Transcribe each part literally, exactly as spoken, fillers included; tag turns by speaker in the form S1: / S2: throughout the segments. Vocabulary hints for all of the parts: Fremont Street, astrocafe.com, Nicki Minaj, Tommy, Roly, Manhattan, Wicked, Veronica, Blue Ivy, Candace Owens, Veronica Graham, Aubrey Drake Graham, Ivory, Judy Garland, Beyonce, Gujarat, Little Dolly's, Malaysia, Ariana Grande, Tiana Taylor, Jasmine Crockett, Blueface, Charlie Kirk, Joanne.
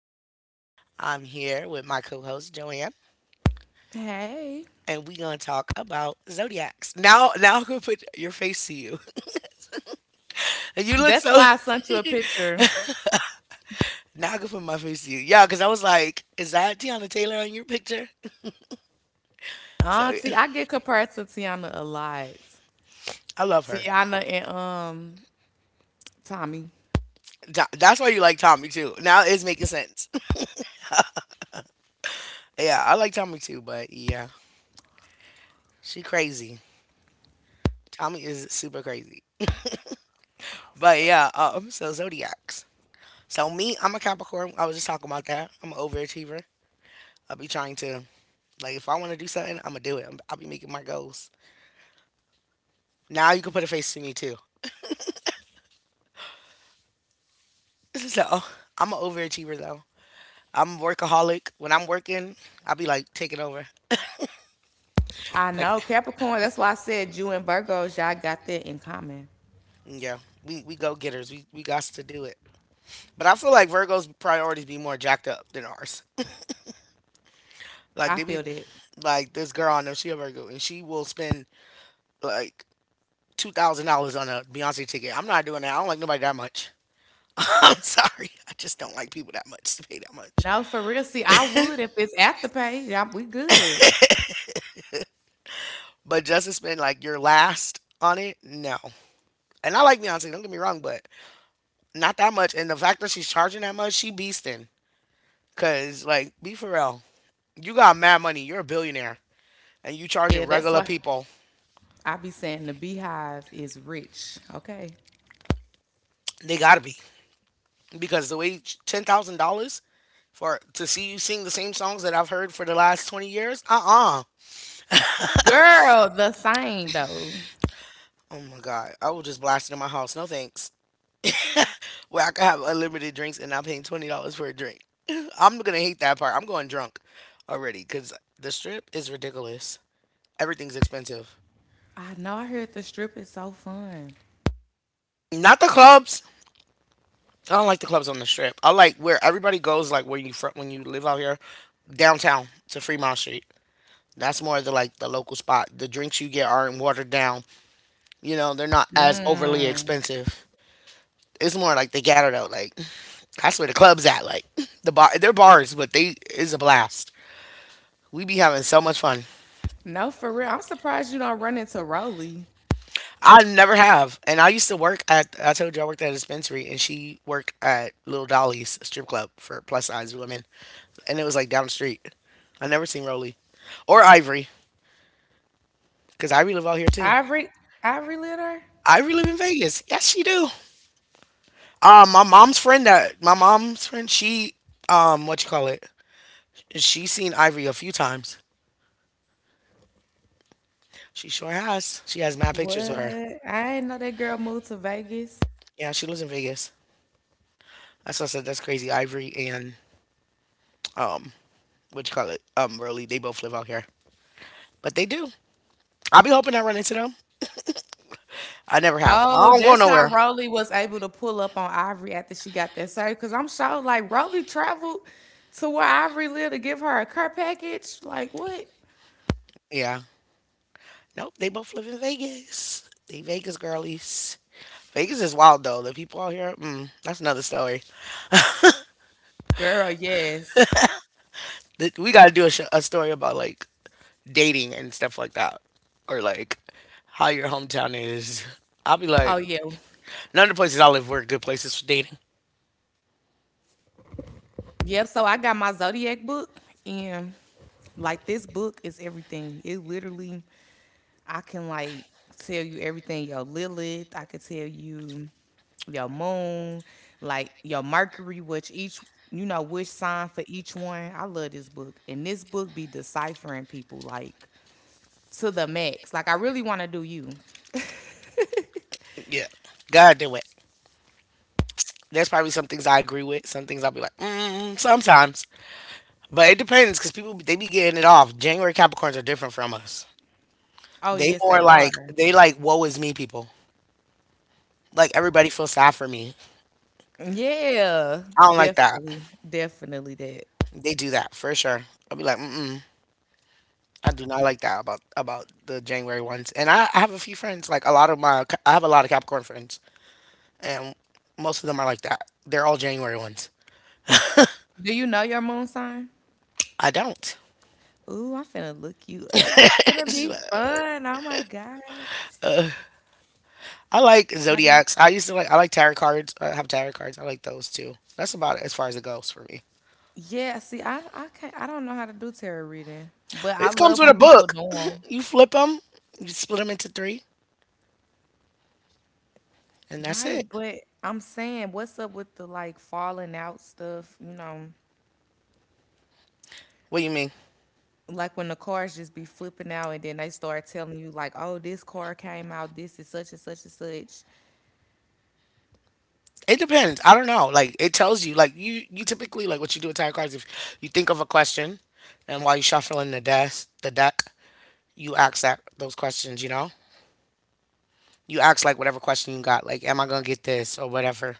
S1: Veronica. I'm here with my co-host Joanne, and
S2: Hey.
S1: we're gonna talk about zodiacs. Now, now I'm gonna put your face to you, and you look
S2: That's
S1: so.
S2: why I sent you a picture.
S1: Now I can put my face to you, yeah, because I was like, is that Tiana Taylor on your picture? So yeah,
S2: Auntie, I get compared to Tiana a lot.
S1: I love her.
S2: Tiana and um Tommy.
S1: Tha- That's why you like Tommy too. Now it's making sense. Yeah, I like Tommy too, but yeah, she crazy. Tommy is super crazy. But yeah, um, so zodiacs. So me, I'm a Capricorn. I was just talking about that. I'm an overachiever. I'll be trying to like if I want to do something, I'm gonna do it. I'm- I'll be making my goals. Now you can put a face to me too. So I'm an overachiever though. I'm a workaholic. When I'm working, I'll be like taking over.
S2: I know
S1: Like
S2: Capricorn. That's why I said you and Virgos, y'all got that in common.
S1: yeah, we we go getters. We we got to do it. But I feel like Virgos priorities be more jacked up than ours.
S2: I
S1: Like
S2: feel
S1: they be
S2: that.
S1: like this girl I know she a Virgo and she will spend like two thousand dollars on a Beyonce ticket. I'm not doing that. I don't like nobody that much. I'm sorry. I just don't like people that much to pay that much.
S2: No, for real. See, I would if it's after pay. Yeah, we good.
S1: But just to spend like your last on it, no. And I like Beyonce, don't get me wrong, but not that much. And the fact that she's charging that much, she beastin'. Cause like, be for real, you got mad money. You're a billionaire, and you
S2: Yeah,
S1: charging
S2: that's
S1: regular
S2: why
S1: people.
S2: I be saying the beehive is rich. Okay.
S1: They gotta be because the way ten thousand dollars for to see you sing the same songs that I've heard for the last twenty years. Uh uh.
S2: Girl, the same though.
S1: Oh my god, I will just blast it in my house. No thanks. Where I could have unlimited drinks and I'm paying twenty dollars for a drink. I'm gonna hate that part. I'm going drunk already because the strip is ridiculous. Everything's expensive.
S2: I know I heard the strip is so fun.
S1: Not the clubs. I don't like the clubs on the strip. I like where everybody goes, like where you front when you live out here downtown to Fremont Street. That's more the like the local spot. The drinks you get aren't watered down. You know they're not as overly
S2: Mm.
S1: expensive. It's more like they gather out. Like that's where the clubs at. Like the bar, they're bars, but they is a blast. We be having so much fun.
S2: No, for real. I'm surprised you don't run into Rolly.
S1: I never have. And I used to work at, I told you I worked at a dispensary and she worked at Little Dolly's strip club for plus size women. And it was like down the street. I never seen Roly or Ivory because Ivory live out here too.
S2: Ivory, Ivory Litter?
S1: Ivory live in Vegas. Yes, she do. Uh, my mom's friend that, my mom's friend, she, um, what you call it? She seen Ivory a few times. She sure has. She has mad
S2: What?
S1: pictures of her.
S2: I didn't know that girl moved to Vegas.
S1: Yeah, she lives in Vegas. That's what I said. That's crazy. Ivory and, um, what you call it? Um, Roly, they both live out here. But they do. I'll be hoping I run into them. I never have. I
S2: Oh,
S1: don't go
S2: that's how
S1: nowhere.
S2: Rolly was able to pull up on Ivory after she got that surgery. Cause I'm sure like Rolly traveled to where Ivory lived to give her a care package. Like what?
S1: Yeah. Nope. They both live in Vegas. They Vegas girlies. Vegas is wild though. The people out here, mm, that's another story.
S2: Girl, yes.
S1: Th- We got to do a, sh- a story about like dating and stuff like that, or like how your hometown is. I'll be
S2: Oh
S1: like,
S2: yeah.
S1: none of the places I live were good places for dating.
S2: Yep. So I got my Zodiac book, and like this book is everything. It literally, I can like tell you everything your Lilith. I could tell you your moon, like your Mercury, which each you know which sign for each one. I love this book, and this book be deciphering people like to the max. Like I really want to do you.
S1: Yeah, God do it. There's probably some things I agree with, some things I'll be like, mm, sometimes. But it depends because people they be getting it off. January Capricorns are different from us.
S2: Oh
S1: They
S2: yes, they
S1: more like
S2: are.
S1: they like woe is me people. Like everybody feels sad for me.
S2: Yeah,
S1: I don't like that.
S2: definitely, definitely that.
S1: They do that for sure. I'll be like, mm mm. I do not like that about about the January ones. And I, I have a few friends. Like a lot of my I have a lot of Capricorn friends, and most of them are like that. They're all January ones.
S2: Do you know your moon sign?
S1: I don't.
S2: Ooh, I'm finna look you up. This gonna be fun. Oh my god.
S1: I like
S2: I know.
S1: zodiacs. I used to like I like tarot cards. I have tarot cards. I like those too. That's about it as far as it goes for me.
S2: Yeah, see, I I can't, I don't know how to do tarot reading, but I
S1: It comes
S2: love
S1: with
S2: when
S1: a
S2: people
S1: book.
S2: do them.
S1: You flip them, you split them into three, and that's
S2: Right,
S1: it.
S2: but I'm saying, what's up with the like falling out stuff? You know,
S1: What do you mean?
S2: like when the cards just be flipping out, and then they start telling you like, oh, this card came out, this is such and such and such.
S1: It depends. I don't know. Like it tells you. Like you, you typically like what you do with tarot cards. If you think of a question, and while you shuffling the desk, the deck, you ask that those questions. You know, you ask like whatever question you got. Like, am I gonna get this or whatever?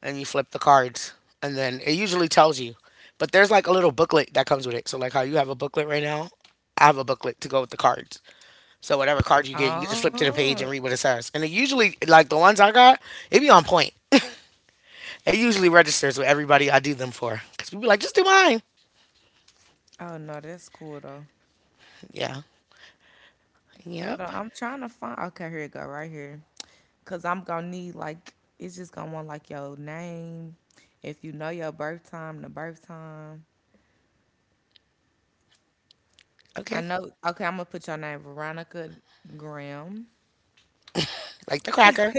S1: And you flip the cards, and then it usually tells you. But there's like a little booklet that comes with it. So like how you have a booklet right now, I have a booklet to go with the cards. So whatever card you get, you just flip to the
S2: Oh,
S1: page and read what it says. And it usually like the ones I got, it be on point. It usually registers with everybody I do them for. Because people be like, just do mine.
S2: oh no, that's cool though.
S1: Yeah.
S2: Hold
S1: Yep.
S2: on, I'm trying to find. Okay, here it go, right here, cause I'm gonna need like, it's just gonna want like your name, if you know your birth time, the birth time. I
S1: Okay.
S2: know. Okay, I'm gonna put your name Veronica Graham.
S1: Like the cracker.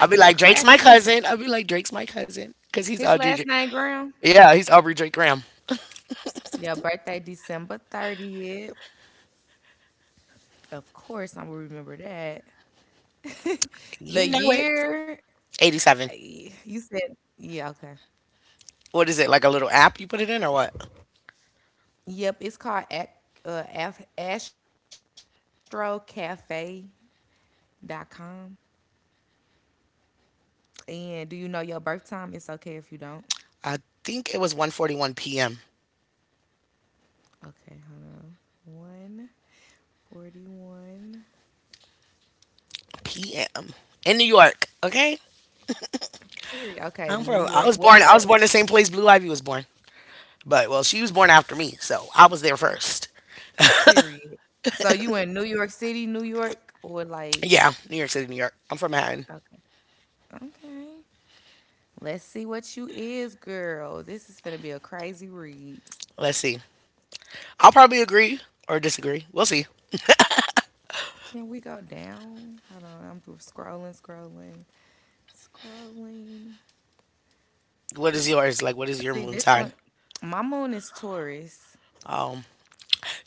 S1: I'll be
S2: the
S1: like, Drake's my
S2: cracker.
S1: cousin. I'll be like, Drake's my cousin. Because he's
S2: His
S1: Audrey. Dra-
S2: last name Graham.
S1: yeah, he's Aubrey Drake Graham.
S2: Your birthday December thirtieth. Of course, I will remember that.
S1: You
S2: The
S1: know it.
S2: year
S1: eighty-seven.
S2: eh, you said, yeah, okay.
S1: What is it? Like a little app you put it in or what?
S2: Yep, it's called at, uh, af- astrocafe dot com. And do you know your birth time? It's okay if you don't.
S1: I think it was one forty-one p m
S2: Okay, hold on. one forty-one.
S1: p m in New York. Okay.
S2: Period. Okay,
S1: I'm
S2: New
S1: from.
S2: York.
S1: I was
S2: What's
S1: born.
S2: the
S1: I was born the same place Blue Ivy was born. But well, she was born after me, so I was there first.
S2: period. So you in New York City, New York, or like,
S1: Yeah, New York City, New York. I'm from Manhattan.
S2: okay. Okay. Let's see what you is, girl. This is gonna be a crazy read.
S1: Let's see. I'll probably agree or disagree. We'll see.
S2: Can we go down? Hold on, I'm through scrolling, scrolling, scrolling.
S1: What is yours? Like, what is your
S2: See
S1: moon
S2: this
S1: sign?
S2: one. My moon is Taurus.
S1: Um,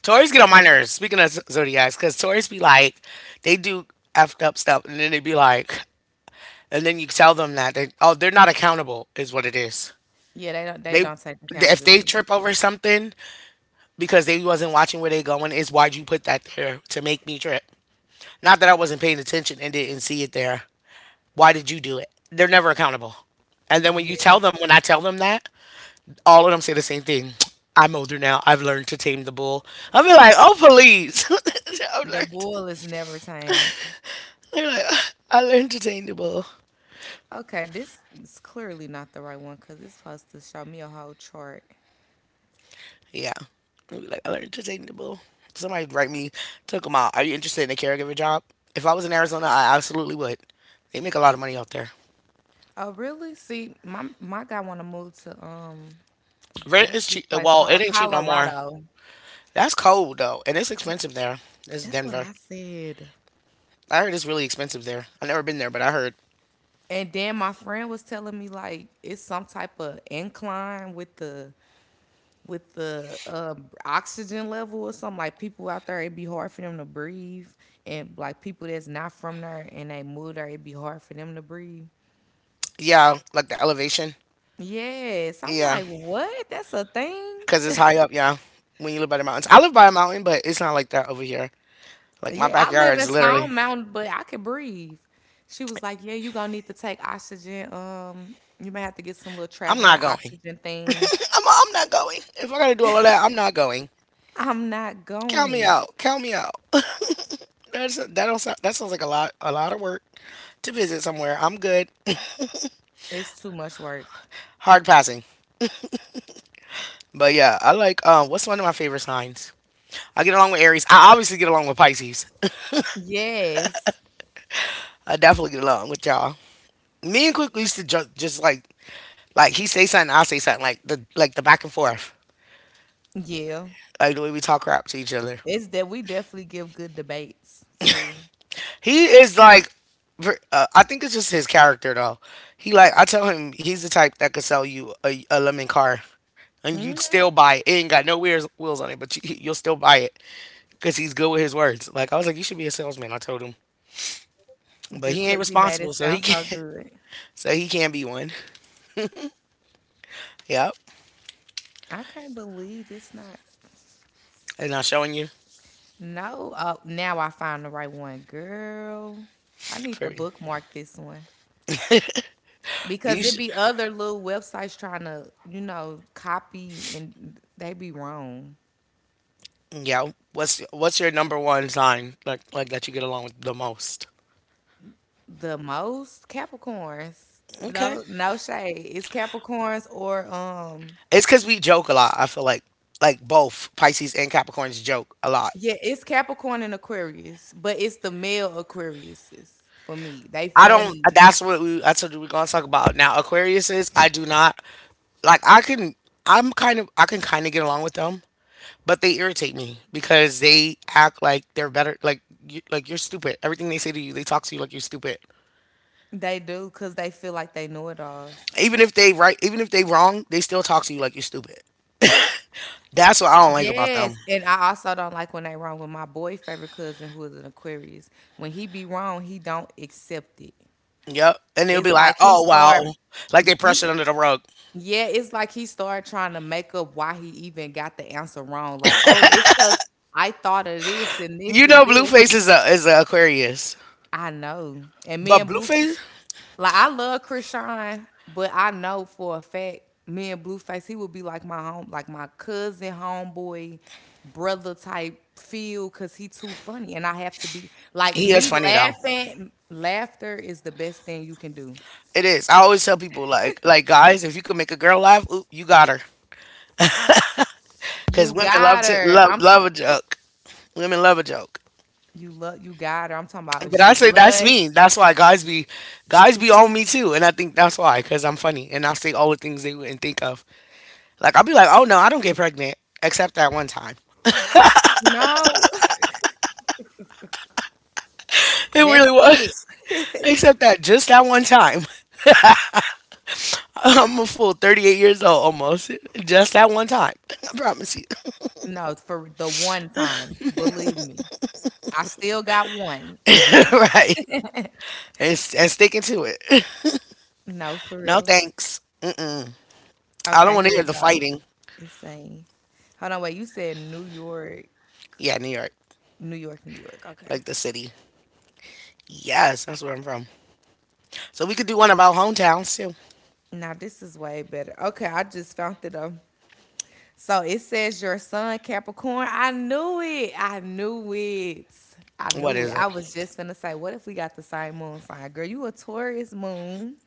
S1: Taurus get on my
S2: So
S1: nerves. Speaking of z- zodiacs, because Taurus be like, they do effed up stuff, and then they be like, and then you tell them that they, oh, they're not accountable, is what it is.
S2: yeah, they don't they
S1: They,
S2: don't take
S1: if they
S2: accountability.
S1: trip over something because they wasn't watching where they going, is why'd you put that there to make me trip? Not that I wasn't paying attention and didn't see it there. Why did you do it? They're never accountable. And then when you tell
S2: Yeah.
S1: them, when I tell them that, all of them say the same thing. I'm older now. I've learned to tame the bull. I'll be like, oh, please. I've
S2: The
S1: learned.
S2: bull is never tamed.
S1: They're like, I learned to tame the bull.
S2: Okay, this is clearly not the right one because it's supposed to show me a whole chart.
S1: Yeah. I'll be like, I learned to tame the bull. Somebody write me, took them out. Are you interested in a caregiver job? If I was in Arizona, I absolutely would. They make a lot of money out there.
S2: Oh, really? See, my my guy want to move to um,
S1: Rent
S2: what's
S1: is
S2: this
S1: cheap.
S2: place
S1: Well, it
S2: called?
S1: ain't cheap no more.
S2: Colorado.
S1: That's cold though, and it's expensive there. It's
S2: That's what
S1: Denver.
S2: I said.
S1: I heard it's really expensive there. I've never been there, but I heard.
S2: And then my friend was telling me like it's some type of incline with the with the uh, oxygen level or something. Like people out there, it'd be hard for them to breathe, and like people that's not from there and they move there, it'd be hard for them to breathe.
S1: Yeah, like the elevation.
S2: Yes, I'm
S1: Yeah,
S2: like, what? That's a thing.
S1: because it's high up. Yeah, when you live by the mountains, I live by a mountain, but it's not like that over here. Like my
S2: Yeah, I live
S1: backyard
S2: in
S1: is literally.
S2: Stone Mountain, but I can breathe. She was like, yeah, you gonna need to take oxygen. Um, you may have to get some little
S1: I'm
S2: traveling
S1: not going.
S2: oxygen things.
S1: I'm, I'm not going. If I gotta do all of that, I'm not going.
S2: I'm not
S1: Count me
S2: going.
S1: out. Count me out. That's that don't sound, that sounds like a lot a lot of work to visit somewhere. I'm good.
S2: It's too much work.
S1: Hard passing. But yeah, I like um what's one of my favorite signs? I get along with Aries. I obviously get along with Pisces.
S2: Yes.
S1: I definitely get along with y'all. Me and Quick used to ju- just like like he say something, I say something like the like the back and forth.
S2: Yeah.
S1: Like the way we talk crap to each other.
S2: It's that, we definitely give good debates too.
S1: He is like, ver- uh, I think it's just his character though. He like, I tell him he's the type that could sell you a, a lemon car and you'd still buy it. It ain't got no wheels wheels on it, but you, you'll still buy it because he's good with his words. Like I was like, you should be a salesman. I told him, but
S2: Just
S1: he ain't
S2: cause he made it
S1: responsible, so he
S2: sound so
S1: can't.
S2: good.
S1: So he can't be one. Yep,
S2: I can't believe it's not.
S1: and I'm showing you.
S2: No. Oh, now I find the right one. Girl. I need to
S1: For me.
S2: bookmark this one. Because
S1: You
S2: it
S1: should,
S2: be other little websites trying to, you know, copy and they be wrong.
S1: yeah. What's what's your number one sign like like that you get along with the most?
S2: The most, Capricorns.
S1: Okay.
S2: No no shade. It's Capricorns or um
S1: It's because we joke a lot. I feel like like both Pisces and Capricorns joke a lot.
S2: yeah, it's Capricorn and Aquarius, but it's the male Aquariuses for me. They
S1: I don't.
S2: funny.
S1: That's what we. I told you we're gonna talk about now. Aquariuses. I do not like. I can. I'm kind of. I can kind of get along with them, but they irritate me because they act like they're better. Like you, like you're stupid. Everything they say to you, they talk to you like you're stupid.
S2: They do cuz they feel like they know it alls.
S1: Even if they right, even if they wrong, they still talk to you like you're stupid. That's what I don't like about them.
S2: Yes, and I also don't like when they wrong, with my boy favorite cousin who is an Aquarius. When he be wrong, he don't accept it.
S1: Yep. And they'll be
S2: It's
S1: like,
S2: like he
S1: oh
S2: started
S1: wow, like they brush
S2: he
S1: it under the rug.
S2: yeah, it's like he started trying to make up why he even got the answer wrong. Like, oh, it's because I thought of this and this
S1: You
S2: and
S1: know,
S2: this.
S1: Blueface is a is a Aquarius,
S2: I know. And me
S1: but
S2: and Blueface,
S1: Blueface
S2: like, I love Krishan, but I know for a fact, me and Blueface, he would be like my home, like my cousin, homeboy, brother type feel because he too funny. And I have to be like,
S1: he is
S2: me
S1: funny though.
S2: laughing, laughter is the best thing you can do.
S1: It is. I always tell people like like guys, if you can make a girl laugh, oop, you got her. Cause
S2: You
S1: women love
S2: got
S1: to
S2: her.
S1: love
S2: I'm
S1: love
S2: talking.
S1: a joke. Women love a joke.
S2: You love, you got her. I'm talking about if
S1: But
S2: she
S1: I say that's
S2: blush.
S1: me. That's why guys be guys be on me too, and I think that's why. Cause I'm funny, and I say all the things they wouldn't think of. Like I'll be like, oh no, I don't get pregnant, except that one time.
S2: No,
S1: It really
S2: that's it.
S1: was. Except that just that one time. I'm a full thirty-eight years old almost. Just that one time. I promise you.
S2: No, for the one time. Believe me. I still got one.
S1: Right. And, s- and sticking to it.
S2: No, for
S1: No
S2: real.
S1: thanks. I don't
S2: Okay,
S1: want
S2: here
S1: to hear
S2: it
S1: the
S2: go.
S1: fighting.
S2: It's saying, hold on, wait, you said New York,
S1: Yeah, New York.
S2: New York, New York. Okay.
S1: Like the city. Yes, that's where I'm from. So we could do one about hometowns too.
S2: Now this is way better. Okay, I just found it up. So it says your son Capricorn. I knew it. I knew it. I knew
S1: What
S2: it.
S1: is it?
S2: I was just gonna say, what if we got the same moon sign? Girl, you a Taurus moon.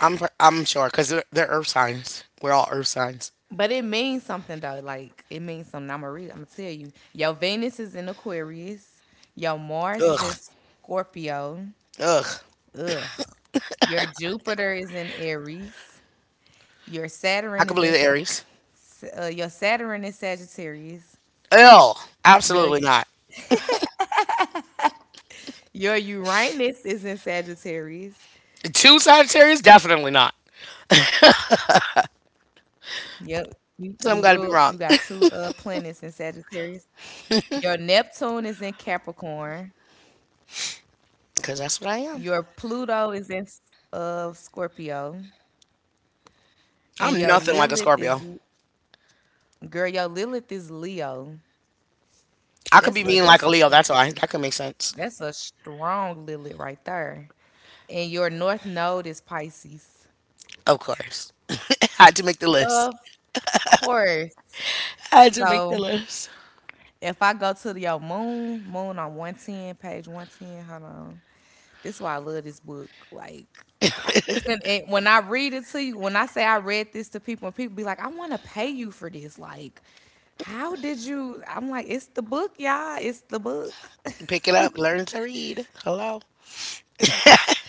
S1: I'm pr- I'm sure because they're, they're earth signs. We're all earth signs.
S2: But it means something though. Like it means something. I'm gonna read. I'm gonna tell you. Your Venus is in Aquarius. Your Mars is in
S1: Ugh.
S2: Scorpio.
S1: Ugh.
S2: Ugh. Your Jupiter is in Aries. Your
S1: I
S2: Saturn
S1: could
S2: is
S1: believe
S2: in
S1: the Aries.
S2: S- uh, your Saturn is Sagittarius.
S1: Ew.
S2: Your
S1: Absolutely not.
S2: your Uranus is in Sagittarius.
S1: Two Sagittarius? Definitely not.
S2: Yep. You you rule,
S1: Some
S2: you
S1: gotta
S2: got
S1: be
S2: two
S1: wrong.
S2: uh planets in Sagittarius. Your Neptune is in Capricorn.
S1: Because that's what I am.
S2: Your Pluto is in uh Scorpio. And
S1: I'm
S2: your
S1: nothing like a
S2: Lilith is
S1: Scorpio.
S2: girl, your Lilith is Leo.
S1: I could be
S2: That's a
S1: mean like a
S2: that's a
S1: Leo.
S2: strong
S1: That's why. That could make sense.
S2: that's a strong Lilith right there. And your north node is Pisces.
S1: Of course. Had to make the
S2: Of
S1: list.
S2: course.
S1: I do make
S2: So
S1: the list.
S2: if I go to the- your moon, moon on one ten, page one ten, hold on. This is why I love this book. Like, it's been, and when I read it to you, when I say I read this to people, and people be like, "I want to pay you for this." Like, how did you? I'm like, it's the book, y'all. It's the book.
S1: Pick it up, learn to read. Hello?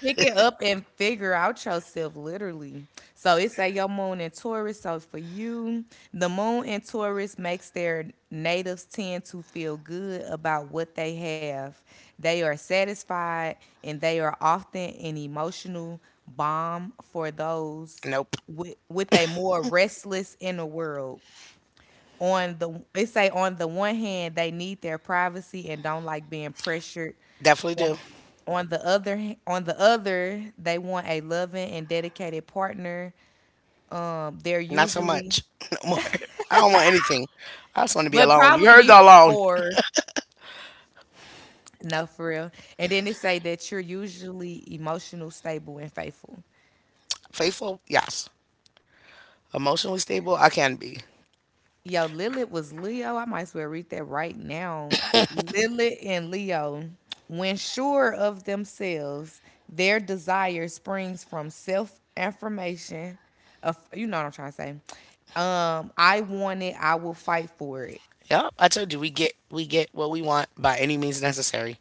S2: Pick it up and figure out yourself, literally. So it say your moon in Taurus. So for you, the moon in Taurus makes their natives tend to feel good about what they have. They are satisfied, and they are often an emotional balm for those
S1: Nope.
S2: with, with a more restless inner world. On the They say on the one hand they need their privacy and don't like being pressured.
S1: Definitely
S2: on
S1: do.
S2: on the other h- on the other, they want a loving and dedicated partner. Um, they're
S1: Not so
S2: usually,
S1: much. No more. I don't want anything. I just want to be
S2: but
S1: alone. You
S2: probably
S1: heard the alone.
S2: before, no for real, and then they say that you're usually emotional stable and faithful.
S1: Faithful, yes. Emotionally stable, I can be.
S2: Yo, Lilith was Leo. I might as well read that right now. Lilith and Leo, when sure of themselves, their desire springs from self affirmation. Of, you know what I'm trying to say. Um, I want it. I will fight for it.
S1: Yep. I told you we get we get what we want by any means necessary.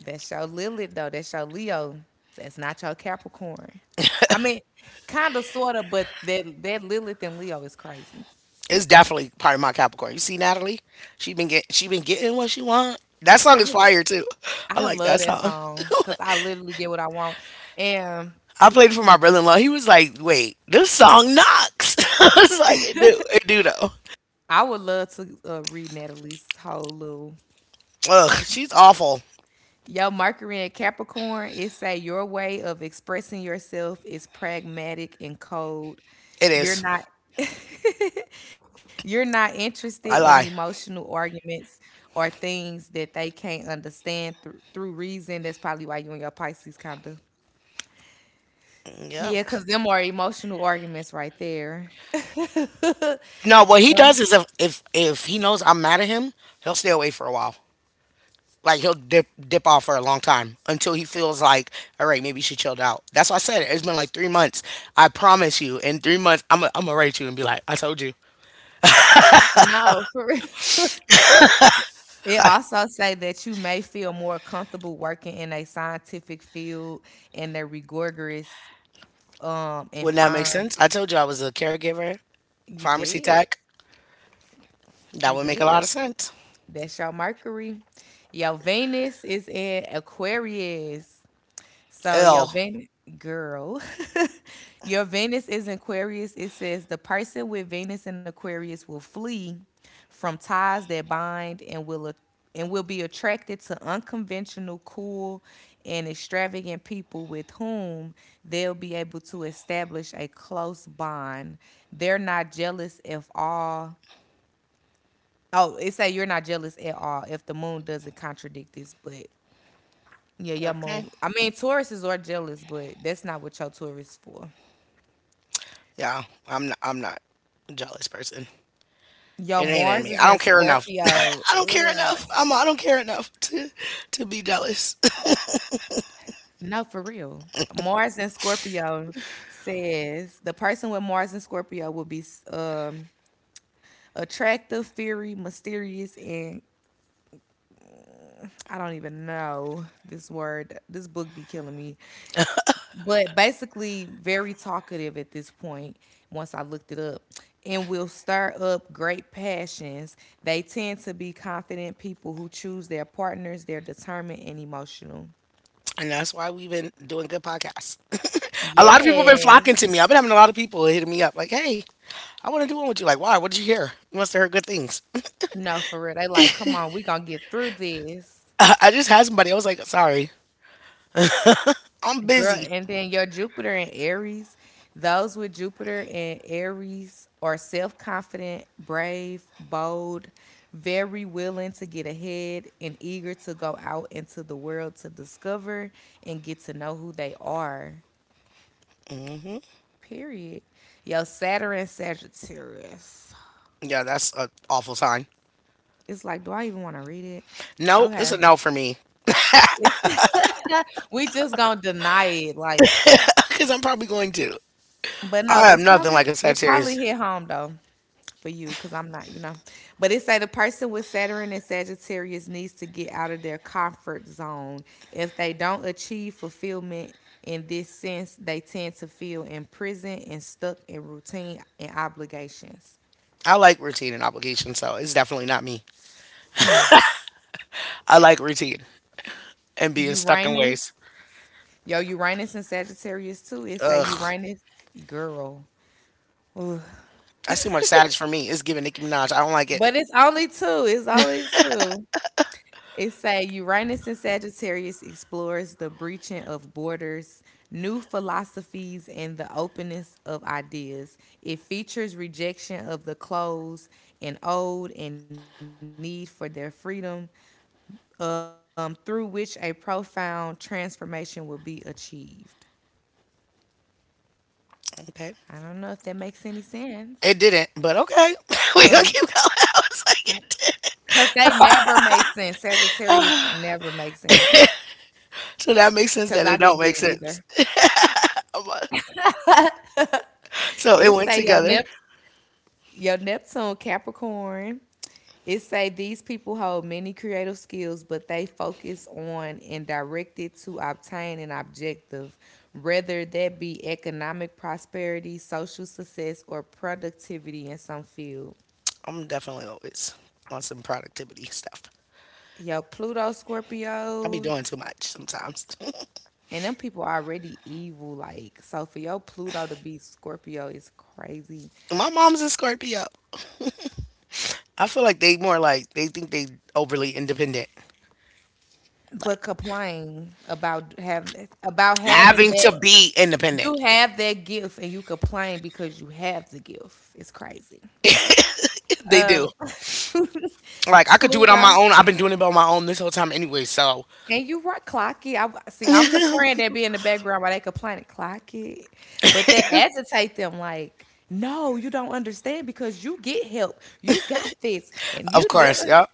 S2: That's your Lilith though. That's your Leo. That's not your Capricorn. I mean, kind of, sort of, but that that Lilith and Leo is crazy.
S1: It's definitely part of my Capricorn. You see Natalie? She been get she been getting what she want. That song
S2: I
S1: is
S2: wa-
S1: fire too. I
S2: I
S1: like
S2: love
S1: that
S2: that
S1: song.
S2: song because I literally get what I want, and
S1: I played it for my brother in law. He was like, wait, this song knocks. I was like, it do. It do though.
S2: I would love to uh, read Natalie's whole little.
S1: Ugh, she's awful.
S2: Yo, Mercury and Capricorn, it say your way of expressing yourself is pragmatic and cold.
S1: It
S2: You're
S1: is.
S2: not you're not interested in
S1: I lie.
S2: emotional arguments or things that they can't understand through through reason. That's probably why you and your Pisces kind of,
S1: Yep.
S2: yeah, cause them are emotional arguments right there.
S1: No, what he does is if if if he knows I'm mad at him, he'll stay away for a while. Like he'll dip dip off for a long time until he feels like, all right, maybe she chilled out. That's why I said it. It's been like three months. I promise you, in three months, I'm i I'm gonna rate you and be like, I told you.
S2: No, for real. It also say that you may feel more comfortable working in a scientific field and the rigorous um and
S1: Wouldn't that make
S2: firm,
S1: sense? I told you I was a caregiver,
S2: you
S1: pharmacy
S2: did.
S1: tech. That
S2: You
S1: would make a
S2: did.
S1: lot of sense.
S2: That's your Mercury. Your Venus is in Aquarius. So your
S1: Ill.
S2: Venus girl, your Venus is in Aquarius. It says the person with Venus in Aquarius will flee from ties that bind, and will a- and will be attracted to unconventional, cool, and extravagant people with whom they'll be able to establish a close bond. They're not jealous if all. Oh, it say you're not jealous at all if the moon doesn't contradict this, but yeah, your
S1: Okay.
S2: moon. I mean, Tauruses are jealous, but that's not what your Taurus for.
S1: Yeah, I'm not, I'm not a jealous person.
S2: Yo,
S1: It ain't in
S2: Mars
S1: me.
S2: is
S1: I
S2: in
S1: don't care enough.
S2: Scorpio.
S1: I don't care
S2: Ugh.
S1: enough. I'm, I don't care enough to to be jealous,
S2: No, for real. Mars in Scorpio says the person with Mars in Scorpio will be um, attractive, fiery, mysterious, and I don't even know this word. This book be killing me. But basically very talkative at this point once I looked it up, and will stir up great passions. They tend to be confident people who choose their partners. They're determined and emotional.
S1: and that's why we've been doing good podcasts. A lot of people have been
S2: Yes.
S1: flocking to me. I've been having a lot of people hitting me up like, "Hey, I want to do one with you." Like, why? What did you hear? You must have heard good things.
S2: No, for real, they like, come on, we gonna get through this.
S1: I just had somebody. I was like, "Sorry, I'm
S2: Girl,
S1: busy."
S2: and then your Jupiter and Aries, those with Jupiter and Aries are self confident, brave, bold, very willing to get ahead, and eager to go out into the world to discover and get to know who they are.
S1: hmm
S2: Period. Your Saturn Sagittarius.
S1: Yeah, that's an awful sign.
S2: It's like, do I even want to read it?
S1: Nope, it's
S2: Okay.
S1: a no for me
S2: It's, we just gonna deny it. Like,
S1: because I'm probably going to.
S2: but no,
S1: I am
S2: it's
S1: nothing
S2: probably
S1: like a
S2: it
S1: Sagittarius.
S2: probably hit home though for you because I'm not, you know. But it say the person with Saturn and Sagittarius needs to get out of their comfort zone. If they don't achieve fulfillment in this sense, they tend to feel imprisoned and stuck in routine and obligations.
S1: I like routine and obligation, so it's definitely not me. I like routine and being stuck in
S2: Uranus,
S1: ways.
S2: yo, Uranus and Sagittarius too. It say
S1: Ugh,
S2: Uranus, girl.
S1: that's too much savage for me. It's giving Nicki Minaj. I don't like it.
S2: But it's only two. It's only two. It say Uranus and Sagittarius explores the breaching of borders, new philosophies, and the openness of ideas. It features rejection of the closed and old and need for their freedom, um, through which a profound transformation will be achieved. I don't know
S1: Okay.
S2: if that makes any sense.
S1: It didn't, but okay. We gonna keep going. I was like, it
S2: Cause
S1: didn't.
S2: they never make sense. Sagittarius never makes sense.
S1: So that makes
S2: Cause
S1: sense
S2: I
S1: that it
S2: didn't
S1: don't
S2: get it
S1: make
S2: either.
S1: sense. I'm, uh, so it
S2: It
S1: went
S2: say your
S1: together.
S2: Nep your Neptune Capricorn. It say these people hold many creative skills, but they focus on and directed to obtain an objective, whether that be economic prosperity, social success, or productivity in some field.
S1: I'm definitely always on some productivity stuff.
S2: Yo, Pluto
S1: I be
S2: Scorpio,
S1: doing too much sometimes.
S2: and them people already evil. Like, so for your Pluto to be Scorpio is crazy.
S1: My mom's a Scorpio. I feel like they more like they think they overly independent.
S2: But
S1: Like
S2: complain about having about having
S1: having to
S2: that
S1: be independent.
S2: you have that gift and you complain because you have the gift. It's crazy.
S1: They do.
S2: Up.
S1: Like I could do it on my
S2: Pluto.
S1: own. I've been doing it on my own this whole time anyway. So
S2: And you right, clock it. I see. I'm the friend that be in the background while they complaining, clock it. But that agitate them like, no, you don't understand because you get help, you got this, and
S1: of
S2: you. Did."
S1: course, yeah.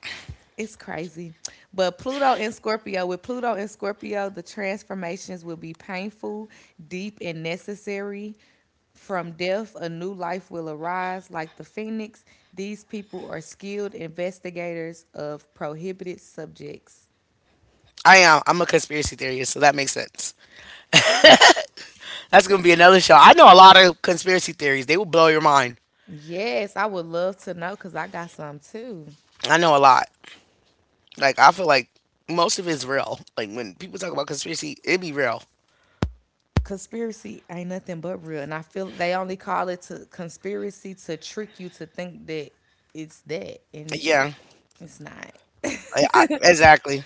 S2: It's crazy. But Pluto and Scorpio, with Pluto and Scorpio, the transformations will be painful, deep, and necessary. From death, a new life will arise. Like the phoenix, these people are skilled investigators of prohibited subjects.
S1: I am. I'm a conspiracy theorist, so that makes sense. That's gonna be another show. I know a lot of conspiracy theories. They will blow your mind.
S2: Yes, I would love to know because I got some too.
S1: I know a lot. Like I feel like most of it's real. Like when people talk about conspiracy, it be real.
S2: Conspiracy ain't nothing but real. And I feel they only call it to conspiracy to trick you to think that it's that. And
S1: Yeah,
S2: it's not.
S1: I, I, exactly.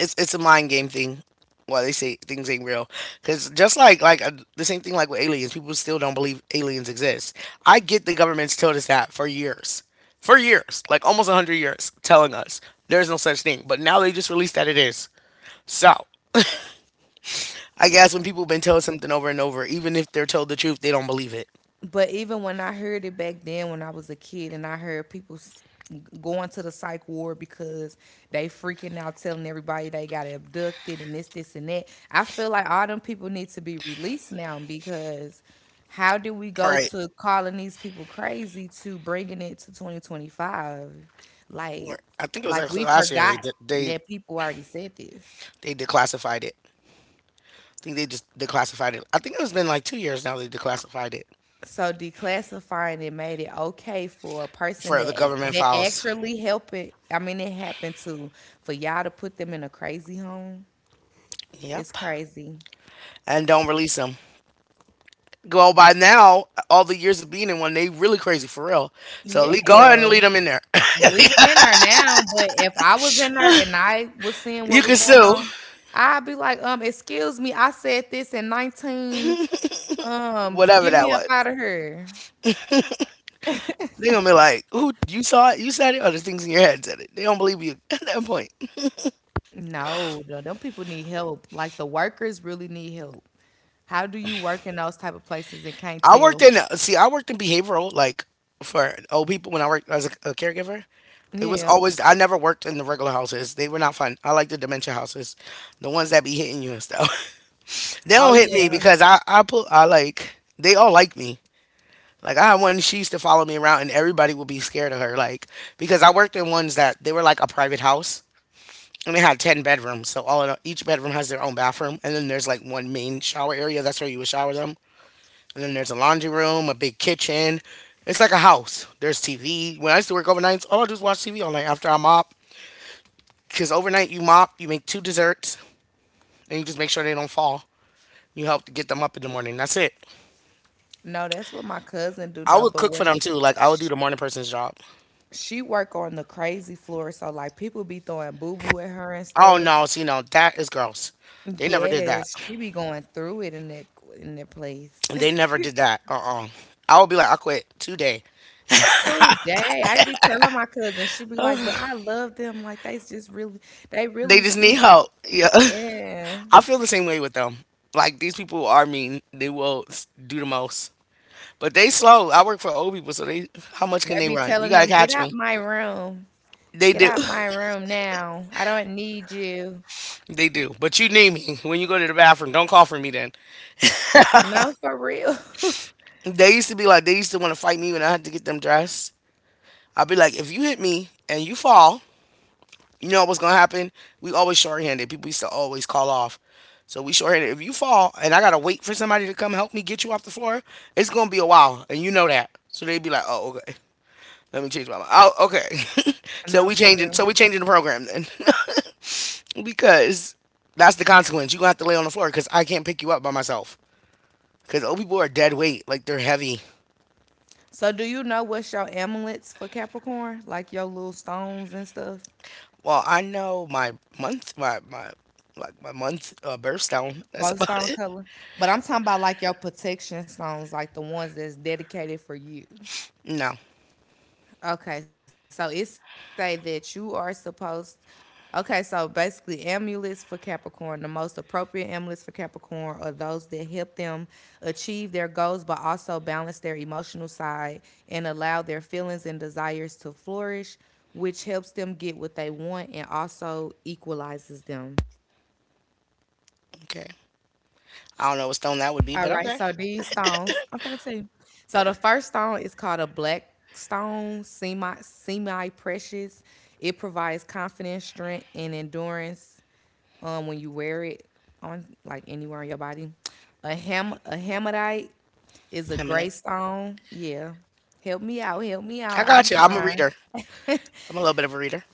S1: It's it's a mind game thing. Why they say things ain't real? Because just like like uh, the same thing like with aliens, people still don't believe aliens exist. I get the government's told us that for years, for years, like almost hundred years, telling us there's no such thing. But now they just released that it is. So I guess when people have been told something over and over, even if they're told the truth, they don't believe it.
S2: But even when I heard it back then, when I was a kid, and I heard people s- going to the psych ward because they freaking out, telling everybody they got abducted and this, this, and that. I feel like all them people need to be released now because how do we go
S1: Right.
S2: to calling these people crazy to bringing it to twenty twenty-five? Like,
S1: I think it was
S2: like
S1: actually
S2: we
S1: last year they
S2: forgot
S1: de- they
S2: that people already said this.
S1: they declassified it. I think they just declassified it. I think it's been like two years now they declassified it
S2: So declassifying it made it okay for a person
S1: for the
S2: that ac-
S1: government
S2: that
S1: files.
S2: actually help it. I mean, it happened to for y'all to put them in a crazy home. It's
S1: Yep.
S2: crazy.
S1: And don't release them. Go by now, all the years of being in one, they really crazy for real. So le- go ahead and
S2: Yeah,
S1: leave them in there.
S2: leave them in there now. But if I was in there and I was seeing what
S1: You
S2: was
S1: can
S2: going
S1: sue
S2: on, I'd be like, um, excuse me, I said this in nineteen. Um,
S1: whatever
S2: get
S1: that
S2: me up
S1: was.
S2: out of here.
S1: They gonna be like, "Who you saw it? You said it, or the things in your head said it." They don't believe you at that point.
S2: No, no, them people need help. Like the workers really need help. How do you work in those type of places and can't
S1: I worked
S2: tell?
S1: in see, I worked in behavioral like for old people when I worked as a, a caregiver. It was
S2: Yeah.
S1: always I never worked in the regular houses. They were not fun. I like the dementia houses, the ones that be hitting you and stuff. They
S2: Oh
S1: don't hit me
S2: yeah.
S1: because I I put I like they all like me. Like I had one she used to follow me around and everybody would be scared of her like because I worked in ones that they were like a private house and they had ten bedrooms so all in all, each bedroom has their own bathroom and then there's like one main shower area that's where you would shower them and then there's a laundry room, a big kitchen. It's like a house. There's T V. When I used to work overnights, all I do is watch T V all night after I mop. Because overnight, you mop, you make two desserts, and you just make sure they don't fall. You help to get them up in the morning. That's it.
S2: No, that's what my cousin do
S1: I
S2: though.
S1: would
S2: But
S1: cook for
S2: where
S1: them too. Like, I would do the morning person's job.
S2: she work on the crazy floor, so like people be throwing boo boo at her and
S1: Oh,
S2: stuff.
S1: no. See, no, that is gross. They never did that.
S2: Yes, she be going through it in that in that place.
S1: They never did that. Uh uh I would be like, I quit today.
S2: Today, I be telling my cousin, she be like, "But I love them. Like they just really, they
S1: They
S2: really
S1: just need
S2: sweet."
S1: help. Yeah.
S2: Yeah,
S1: I feel the same way with them. Like, these people are mean. They will s- do the most. But they slow. I work for old people, so they how much can
S2: I
S1: they
S2: be
S1: run? You
S2: telling
S1: gotta
S2: them, "Get
S1: catch
S2: out
S1: me.
S2: my room.
S1: They
S2: Get
S1: do.
S2: out my room now. I don't need you."
S1: They do. But you need me when you go to the bathroom. Don't call for me then.
S2: No, for real.
S1: They used to be like they used to want to fight me when I had to get them dressed. I'd be like, if you hit me and you fall, you know what's gonna happen? We always shorthanded. People used to always call off. So we shorthanded. If you fall and I gotta wait for somebody to come help me get you off the floor, it's gonna be a while, and you know that. So they'd be like, oh, okay. Let me change my mind. Oh, okay. so
S2: No,
S1: we
S2: for
S1: changing. So
S2: real.
S1: we changing the program then, because that's the consequence. You gonna have to lay on the floor because I can't pick you up by myself. Because old people are dead weight. Like they're heavy.
S2: So do you know what's your amulets for Capricorn? Like your little stones and stuff?
S1: Well, I know my month, my my like my month uh, birthstone. That's
S2: Both
S1: about
S2: stone
S1: it.
S2: color. But I'm talking about like your protection stones, like the ones that's dedicated for you.
S1: No.
S2: Okay, so it say that you are supposed. Okay, so basically, amulets for Capricorn, the most appropriate amulets for Capricorn are those that help them achieve their goals, but also balance their emotional side and allow their feelings and desires to flourish, which helps them get what they want and also equalizes them.
S1: Okay. I don't know what stone that would be, but
S2: All right,
S1: okay.
S2: so these stones, I'm finna tell you. So the first stone is called a black stone, semi semi precious. It provides confidence, strength, and endurance um, when you wear it on like anywhere on your body. A ham a hamadite is a gray
S1: Hemonite.
S2: stone. Yeah, help me out, help me out.
S1: I
S2: I be
S1: got you. I'm a
S2: trying.
S1: reader. I'm a little bit of a reader.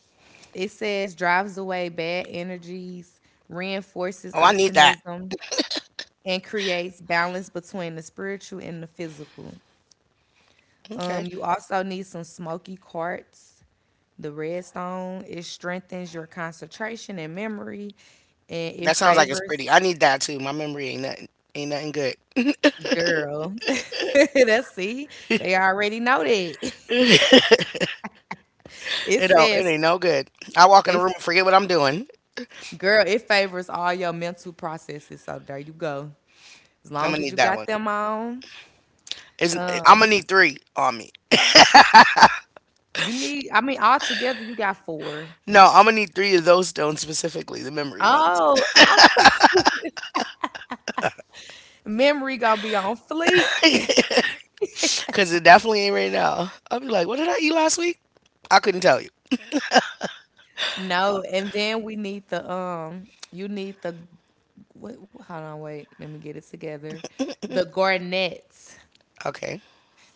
S2: It says drives away bad energies, reinforces
S1: Oh, I need that.
S2: optimism, and creates balance between the spiritual and the physical. Um,
S1: Okay.
S2: you also need some smoky quartz. The red stone, it strengthens your concentration and memory, and it
S1: That sounds like it's
S2: favors,
S1: pretty. I need that too. My memory ain't nothing. Ain't nothing
S2: girl. That's, see, they already know that.
S1: good.
S2: It
S1: It don't. It
S2: says,
S1: ain't no good. I walk in the
S2: if
S1: room and forget what I'm doing.
S2: girl, it favors all your mental processes. So there you go. As
S1: I'm
S2: long
S1: gonna
S2: as
S1: need
S2: you
S1: that
S2: got
S1: one.
S2: them on,
S1: Isn't I'm gonna need three on me.
S2: you need. I mean, altogether you got four.
S1: No, I'm gonna need three of those stones specifically, the memory ones,
S2: Oh, I'm so- memory gonna be on fleek.
S1: because it definitely ain't right now. I'll be like, what did I eat last week? I couldn't tell you.
S2: No, and then we need the, um you need the, what, hold on, wait, let me get it together. The garnet.
S1: Okay,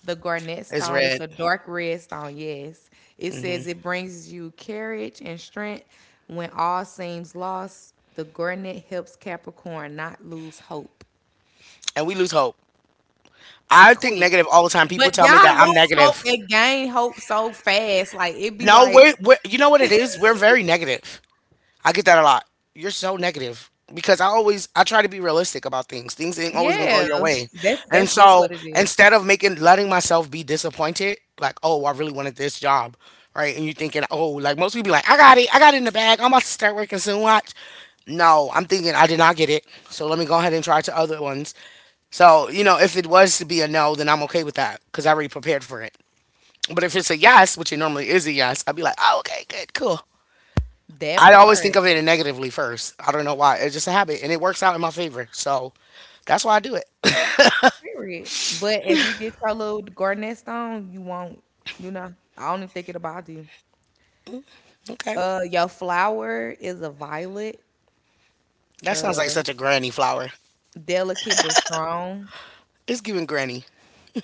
S2: The garnet
S1: it's
S2: stone. It's
S1: red,
S2: a dark red stone, yes. It
S1: hmm
S2: says it brings you courage and strength when all seems lost. The garnet helps Capricorn not lose hope.
S1: and we lose hope. I think
S2: Quick.
S1: negative all the time. People
S2: But
S1: tell me
S2: y'all
S1: that I'm
S2: lose hope
S1: negative.
S2: and gain hope so fast. Like it be
S1: No,
S2: like,
S1: we're, we're you know what it is. We're very negative. I get that a lot. You're so negative because I always I try to be realistic about things. Things ain't always gonna go
S2: yeah,
S1: your way,
S2: that's
S1: and
S2: that's just
S1: so
S2: what it is.
S1: instead of making letting myself be disappointed, like oh I really wanted this job, right? And you thinking oh like most people be like I got it, I got it in the bag. I'm about to start working soon. Watch. No, I'm thinking I did not get it, so let me go ahead and try to other ones. So you know if it was to be a no, then I'm okay with that because I already prepared for it. But if it's a yes, which it normally is a yes, I'd be like, oh, okay, good, cool.
S2: That
S1: I always think
S2: part.
S1: of it negatively first. I don't know why. It's just a habit, and it works out in my favor. So that's why I do it.
S2: Period. But if you get your little gardening stone, you won't, you know, I don't even think it'll bother you.
S1: Okay,
S2: Uh, your flower is a violet,
S1: that sounds like such a granny flower.
S2: delicate but strong.
S1: It's giving granny.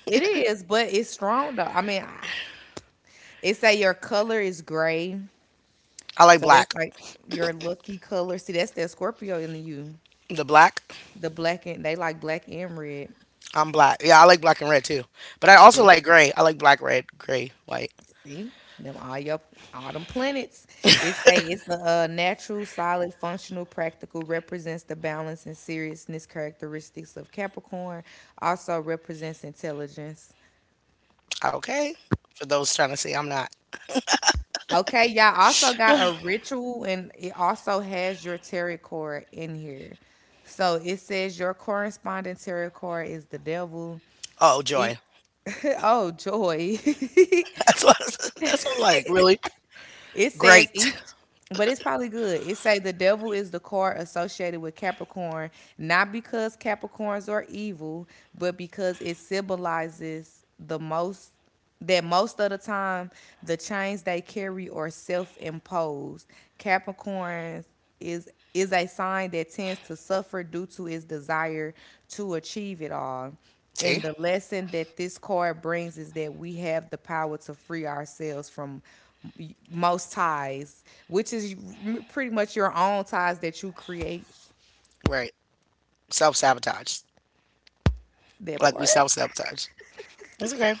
S2: It is, but it's strong though. I mean, I- it say your color is gray,
S1: I like
S2: so that's
S1: black.
S2: like your lucky color. See, that's that Scorpio in you,
S1: The black.
S2: the black and they like black and red.
S1: I'm black. Yeah, I like black and red too. But I also
S2: See,
S1: like gray. I like black, red, gray, white.
S2: See, them all your all them planets. It say it's a, uh natural, solid, functional, practical. Represents the balance and seriousness characteristics of Capricorn. Also represents intelligence.
S1: Okay. For those trying to say I'm not.
S2: Okay, y'all also got a ritual, and it also has your tarot card in here. So it says your corresponding tarot card is the devil.
S1: Oh,
S2: E-
S1: joy.
S2: oh, joy.
S1: That's what. That's what I'm like. Really.
S2: It says
S1: Great.
S2: each, but it's probably good. It say the devil is the card associated with Capricorn, not because Capricorns are evil, but because it symbolizes the most that most of the time the chains they carry are self-imposed. Capricorns is is a sign that tends to suffer due to its desire to achieve it all. And
S1: See.
S2: the lesson that this card brings is that we have the power to free ourselves from m- most ties, which is m- pretty much your own ties that you create.
S1: Right. Self sabotage.
S2: That
S1: Like we
S2: part.
S1: self sabotage. It's okay.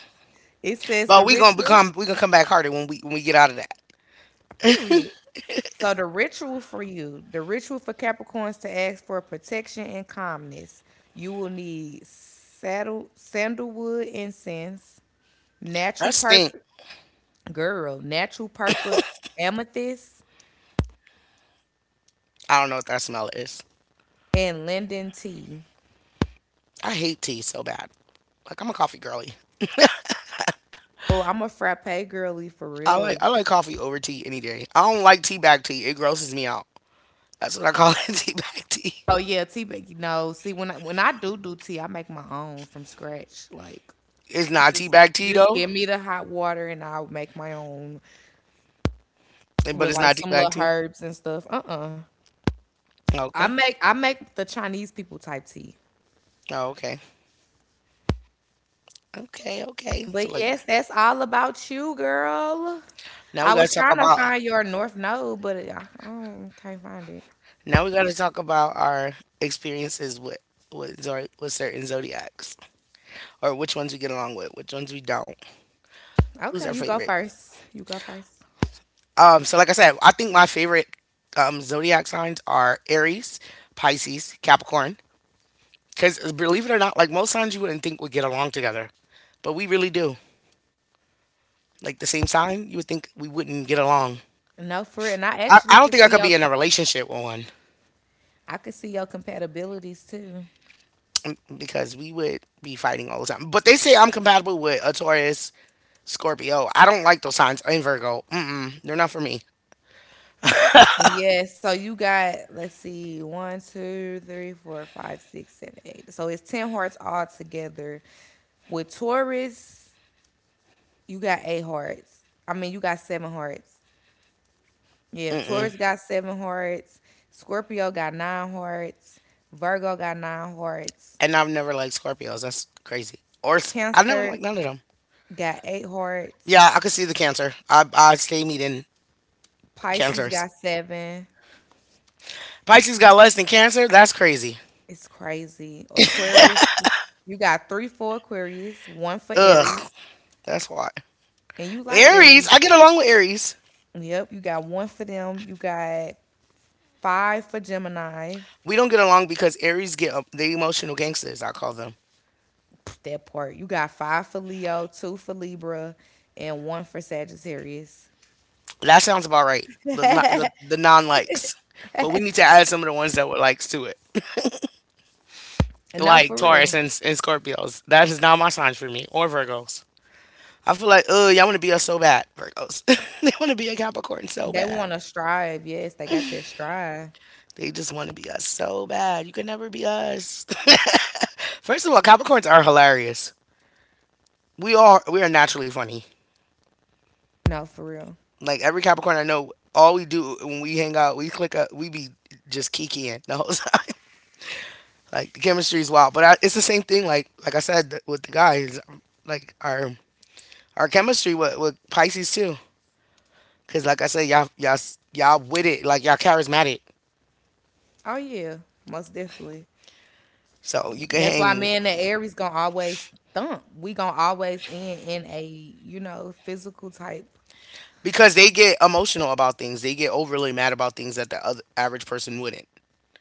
S2: It says
S1: But
S2: the
S1: we gonna
S2: ritual,
S1: become we gonna come back harder when we when we get out of that.
S2: period. So the ritual for you, the ritual for Capricorns to ask for protection and calmness. You will need saddle, sandalwood incense,
S1: That
S2: Natural
S1: stink.
S2: Purple, girl, Natural Purple Amethyst,
S1: I don't know what that smell is.
S2: and Linden Tea.
S1: I hate tea so bad. Like I'm a coffee girly.
S2: Oh, I'm a frappe girly for
S1: I like
S2: real.
S1: I like coffee over tea any day. I don't like tea bag tea. It grosses me out. That's what I call it, tea bag tea.
S2: Oh yeah, tea. But you know, see when I, when I do do tea, I make my own from scratch. Like
S1: It's not tea
S2: just
S1: bag tea
S2: just
S1: though,
S2: give me the hot water and I'll make my own
S1: but
S2: with
S1: it's
S2: like
S1: not tea
S2: some
S1: bag
S2: little
S1: tea.
S2: herbs and stuff. Uh uh I
S1: Okay.
S2: make I make the Chinese people type tea.
S1: Oh, okay. Okay. Okay. So
S2: But
S1: like
S2: yes, that's all about you, girl.
S1: now we
S2: I
S1: gotta
S2: was
S1: talk
S2: trying to
S1: about
S2: find your North Node, but I, I don't- can't find it.
S1: now we gotta talk about our experiences with with zor- with certain zodiacs or which ones we get along with, which ones we don't. Who's our
S2: Okay, you go
S1: favorite?
S2: first. You go first.
S1: Um, so like I said, I think my favorite um, zodiac signs are Aries, Pisces, Capricorn. Because believe it or not, like most signs you wouldn't think would get along together, but we really do. Like the same sign, you would think we wouldn't get along.
S2: No, for it. And I
S1: I,
S2: actually
S1: I don't
S2: can
S1: think I
S2: see
S1: could
S2: your
S1: be in a relationship with one
S2: I can see your compatibilities too.
S1: um, because we would be fighting all the time. But they say I'm compatible with a Taurus, Scorpio. I don't like those signs. And Virgo. Mm-mm. They're not for me.
S2: Yeah, so you got, let's see, one, two, three, four, five, six, seven, eight. So it's ten hearts all together. With Taurus, you got eight hearts. I mean you got seven hearts. Yeah,
S1: Mm-mm.
S2: Taurus got seven hearts, Scorpio got nine hearts, Virgo got nine hearts,
S1: And I've never liked Scorpios. That's crazy. Or s- I've never
S2: Cancer
S1: liked none of them.
S2: got eight
S1: Yeah,
S2: hearts,
S1: I could see the cancer. I I stay meeting
S2: Pisces
S1: cancers.
S2: got seven.
S1: Pisces got less than cancer. That's crazy.
S2: It's crazy. Aquarius, you got three for Aquarius, one for
S1: Ugh,
S2: Aries,
S1: that's why.
S2: and you like
S1: Aries,
S2: Aries.
S1: I get along with Aries.
S2: Yep, you got one for them. You got five for Gemini.
S1: We don't get along because Aries get um, the emotional gangsters. I call them.
S2: That part. You got five for Leo, two for Libra, and one for Sagittarius.
S1: That sounds about right. The no- the, the non likes, but we need to add some of the ones that were likes to it,
S2: And no,
S1: like
S2: for
S1: Taurus
S2: real.
S1: and, and Scorpios. That is not my signs for me or Virgos. I feel like, oh, y'all want to be us so bad, Virgos. They want to be a Capricorn so
S2: They
S1: bad.
S2: want to strive. Yes, they got that strive.
S1: They just want to be us so bad. You can never be us. First of all, Capricorns are hilarious. We are we are naturally funny.
S2: No, for real.
S1: Like every Capricorn I know, all we do when we hang out, we click up, we be just kikiing the whole time. Like the chemistry is wild, but I, it's the same thing. Like like I said th- with the guys, like our our chemistry with, with Pisces too. Cause like I said, y'all y'all s- y'all with it. Like y'all charismatic.
S2: Oh yeah, most definitely.
S1: So you can
S2: That's why
S1: hang
S2: me and the Aries gonna always thump. We gonna always end in a you know physical type.
S1: because they get emotional about things. They get overly mad about things that the other average person wouldn't.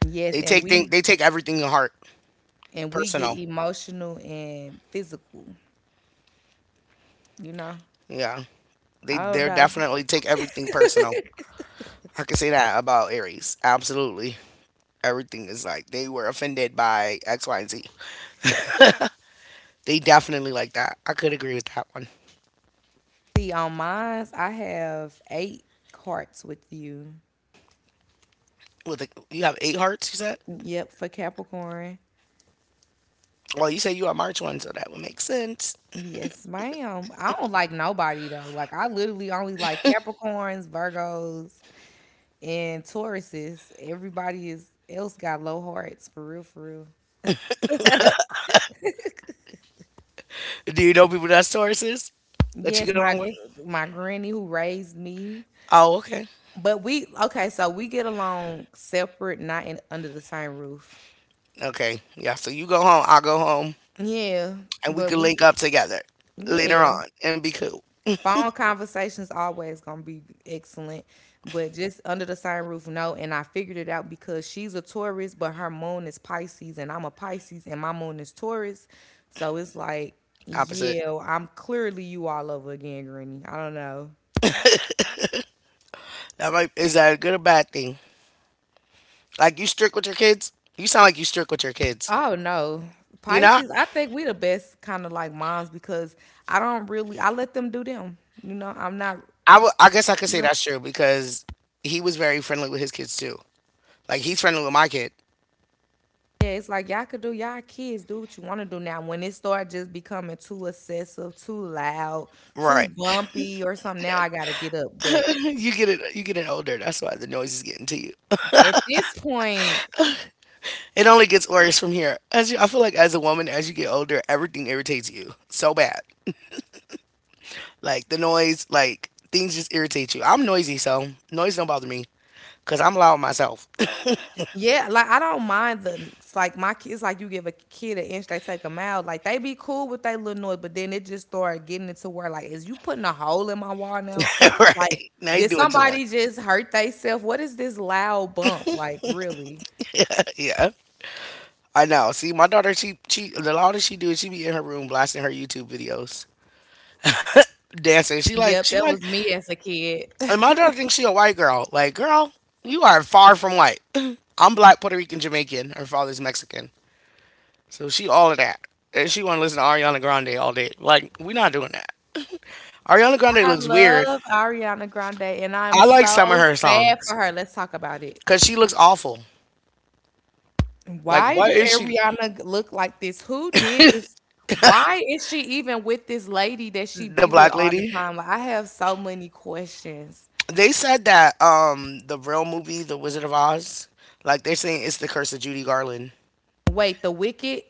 S2: Yes,
S1: They
S2: and
S1: take thing
S2: we
S1: they take everything to heart.
S2: and we get
S1: Personal.
S2: emotional and physical, you know.
S1: Yeah. They
S2: I don't
S1: they're
S2: know.
S1: definitely take everything personal. I can say that about Aries. Absolutely. Everything is like they were offended by X, Y, and Z. They definitely like that. I could agree with that one.
S2: See, on mine, I have eight carts with you.
S1: With the, you have eight hearts, you said?
S2: Yep, for Capricorn.
S1: Well, you say you are March first, so that would make sense.
S2: Yes, ma'am. I don't like nobody though. Like I literally only like Capricorns, Virgos, and Tauruses. Everybody is else got low hearts for real, for real.
S1: Do you know people that's Tauruses that you
S2: Yes,
S1: get along
S2: my
S1: with?
S2: my granny who raised me.
S1: Oh, okay.
S2: But we okay, so we get along separate, not in under the same roof.
S1: Okay. Yeah, so you go home, I'll go home,
S2: Yeah,
S1: and we
S2: but
S1: can
S2: we,
S1: link up together later
S2: yeah.
S1: on and be cool.
S2: Phone conversations always gonna be excellent, but just under the same roof, no. And I figured it out because she's a Taurus, but her moon is Pisces, and I'm a Pisces, and my moon is Taurus. So it's like,
S1: Opposite.
S2: yeah, I'm clearly you all over again, Granny. I don't know.
S1: That might is that a good or bad thing? Like you strict with your kids? You sound like you strict with your kids.
S2: Oh no.
S1: You know,
S2: Pisces, I think we the best kind of like moms because I don't really I let them do them. You know, I'm not
S1: I would. I guess I could
S2: you
S1: say
S2: know
S1: that's true because he was very friendly with his kids too. Like he's friendly with my kid.
S2: yeah, it's like y'all could do y'all kids do what you want to do now. When it start just becoming too excessive, too loud, too
S1: Right.
S2: bumpy or something, now I gotta get up. But
S1: You get it. You get it older. That's why the noise is getting to you.
S2: at this point,
S1: It only gets worse from here. As you, I feel like as a woman, as you get older, everything irritates you so bad. Like the noise, like things just irritate you. I'm noisy, so noise don't bother me because I'm loud myself.
S2: yeah, like I don't mind the like my kids like you give a kid an inch, they take a mile. Like they be cool with they little noise, but then it just started getting into where like is you putting a hole in my wall now? Like
S1: Right. Now you're
S2: did
S1: doing too much.
S2: somebody just hurt theyself? What is this loud bump? Like really?
S1: Yeah. I know. See, my daughter, she she the all that she do is she be in her room blasting her YouTube videos, dancing. She
S2: Yep,
S1: like
S2: that
S1: she
S2: was
S1: like,
S2: me as a kid.
S1: and my daughter thinks she a white girl. Like, girl, you are far from white. I'm black, Puerto Rican, Jamaican. Her father's Mexican, so she all of that, and she want to listen to Ariana Grande all day. Like, we not doing that. Ariana Grande
S2: I
S1: looks weird.
S2: love Ariana Grande and I'm
S1: I like some of
S2: so
S1: her
S2: sad
S1: songs
S2: for her. Let's talk about it.
S1: because she looks awful. Like,
S2: Why do
S1: what is she?
S2: Ariana look like this? Who did this? Why is she even with this lady that she
S1: The
S2: be with
S1: black
S2: all the
S1: lady.
S2: time? Like, I have so many questions.
S1: They said that um the real movie, The Wizard of Oz, like they're saying it's the curse of Judy Garland.
S2: Wait, the Wicked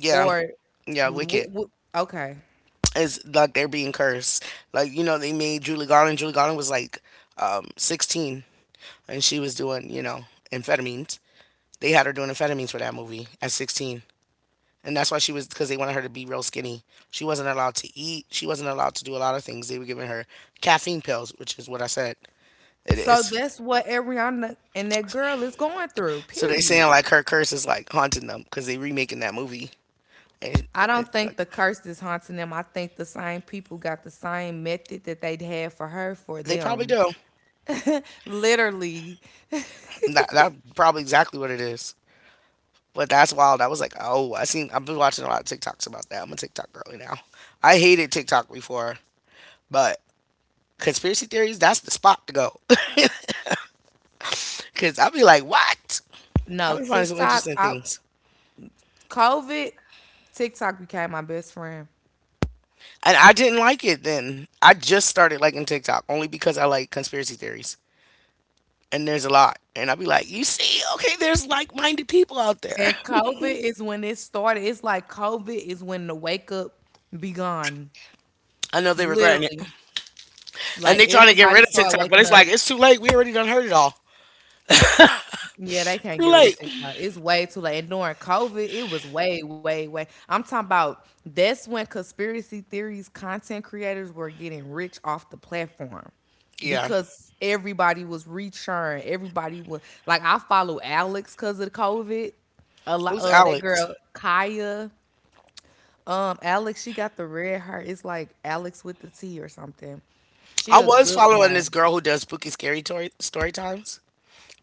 S1: Yeah,
S2: or
S1: yeah,
S2: the
S1: Wicked.
S2: Wi- Wi- okay?
S1: It's like they're being cursed. Like you know, they made Julie Garland. Julie Garland was like um, sixteen, and she was doing you know amphetamines. They had her doing amphetamines for that movie at sixteen, and that's why she was because they wanted her to be real skinny. She wasn't allowed to eat. She wasn't allowed to do a lot of things. They were giving her caffeine pills, which is what I said it
S2: So
S1: is.
S2: that's what Ariana and that girl is going through.
S1: So they saying
S2: Period.
S1: like her curse is like haunting them because they remaking that movie, and
S2: I
S1: it, it,
S2: don't
S1: like,
S2: think the curse is haunting them. I think the same people got the same method that they'd had for her for
S1: they probably
S2: them.
S1: do.
S2: Literally,
S1: That that probably exactly what it is. But that's wild. I was like, oh, I seen. I've been watching a lot of TikToks about that. I'm a TikTok girly now. I hated TikTok before, but conspiracy theories, that's the spot to go. Cause I'll be like, what?
S2: no
S1: I'll be finding some
S2: TikTok.
S1: interesting
S2: I
S1: things.
S2: COVID, TikTok became my best friend.
S1: And I didn't like it then. I just started liking TikTok only because I like conspiracy theories. And there's a lot. And I'll be like, you see, okay, there's like minded people out there.
S2: And COVID is when it started. It's like COVID is when the wake up begun.
S1: I know they're regretting it.
S2: Literally.
S1: And
S2: Like
S1: they trying to get rid
S2: everybody
S1: of
S2: started
S1: TikTok, but
S2: waking
S1: it's
S2: up.
S1: like, it's too late. We already done heard it all.
S2: Yeah, they can't
S1: Too
S2: get rid
S1: late.
S2: of TikTok. It's way too late. And during COVID, it was way, way, way. I'm talking about that's when conspiracy theories, content creators were getting rich off the platform.
S1: Yeah.
S2: Because everybody was reaching. Everybody was like, I follow Alex because of COVID. A lot,
S1: Who's
S2: uh, that
S1: Alex?
S2: girl Kaya, um, Alex, she got the red heart. It's like Alex with the T or something. She
S1: I
S2: a
S1: was
S2: good
S1: following this
S2: one.
S1: girl who does spooky scary story, story times,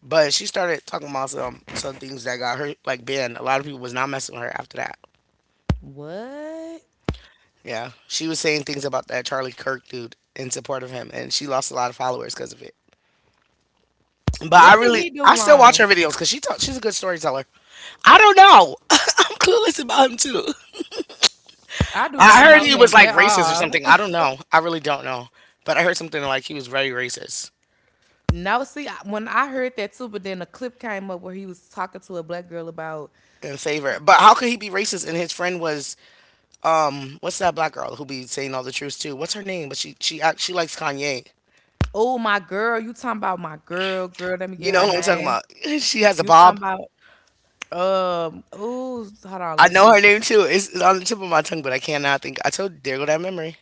S1: but she started talking about some some things that got her like banned. A lot of people was not messing with her after that.
S2: What?
S1: Yeah, she was saying things about that Charlie Kirk dude in support of him, and she lost a lot of followers because of it. But I
S2: What did
S1: really,
S2: he do
S1: I still watch
S2: wrong?
S1: her videos because she talk, she's a good storyteller. I don't know. I'm clueless about him too.
S2: I do
S1: I
S2: not
S1: heard
S2: know
S1: he
S2: him
S1: was like
S2: at
S1: racist or
S2: all.
S1: something. I don't know. I really don't know. But I heard something like he was very racist
S2: No, see, I- when I heard that too, but then a clip came up where he was talking to a black girl about,
S1: in favor. But how could he be racist and his friend was what's that black girl who be saying all the truth too? What's her name? But she she act, she likes Kanye.
S2: oh, my girl, you talking about my girl, girl, let me
S1: You
S2: get her
S1: know who I'm talking
S2: name.
S1: about? She has a
S2: You talking
S1: bob.
S2: about Um, ooh, hold on,
S1: I
S2: let's
S1: know her
S2: just
S1: name too. It's, it's on the tip of my tongue, but I cannot think. I told there go that memory.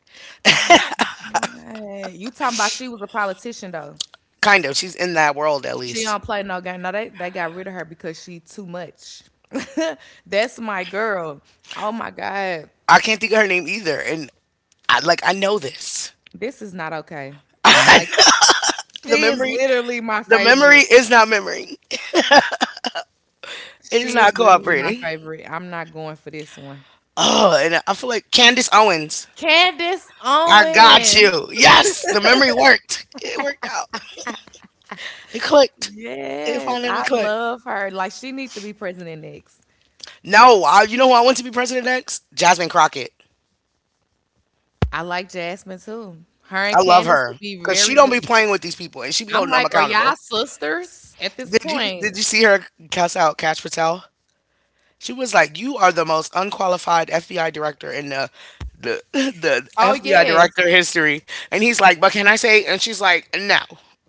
S2: oh my god. You talking about she was a politician though.
S1: Kind of. She's in that world at
S2: She
S1: least.
S2: don't play no game. No, they they got rid of her because she too much. That's my girl. Oh my god.
S1: I can't think of her name either, and I like I know this.
S2: This is not okay. Like
S1: the
S2: she is
S1: memory,
S2: literally my
S1: the memory
S2: favorite.
S1: is not memory. It is
S2: She
S1: not
S2: is literally my
S1: cooperating.
S2: favorite. I'm not going for this one.
S1: Oh, and I feel like Candace Owens.
S2: Candace
S1: I got
S2: Owens.
S1: you. Yes, the memory worked. It worked out. It clicked. It
S2: Yes,
S1: finally
S2: I
S1: clicked.
S2: love her. Like she need to be president next.
S1: No, I, you know who I want to be president next? Jasmine Crockett.
S2: I like Jasmine too. Her
S1: I
S2: and
S1: love
S2: Candace
S1: her
S2: would be
S1: because she
S2: very
S1: don't be
S2: good.
S1: playing with these people and she be
S2: I'm
S1: holding them
S2: like, are y'all
S1: accountable.
S2: sisters at this
S1: Did you
S2: point?
S1: did you see her cuss out Cash Patel? She was like, "You are the most unqualified F B I director in the the the
S2: Oh
S1: F B I
S2: yes.
S1: director history," and he's like, "But can I say?" And she's like, "No,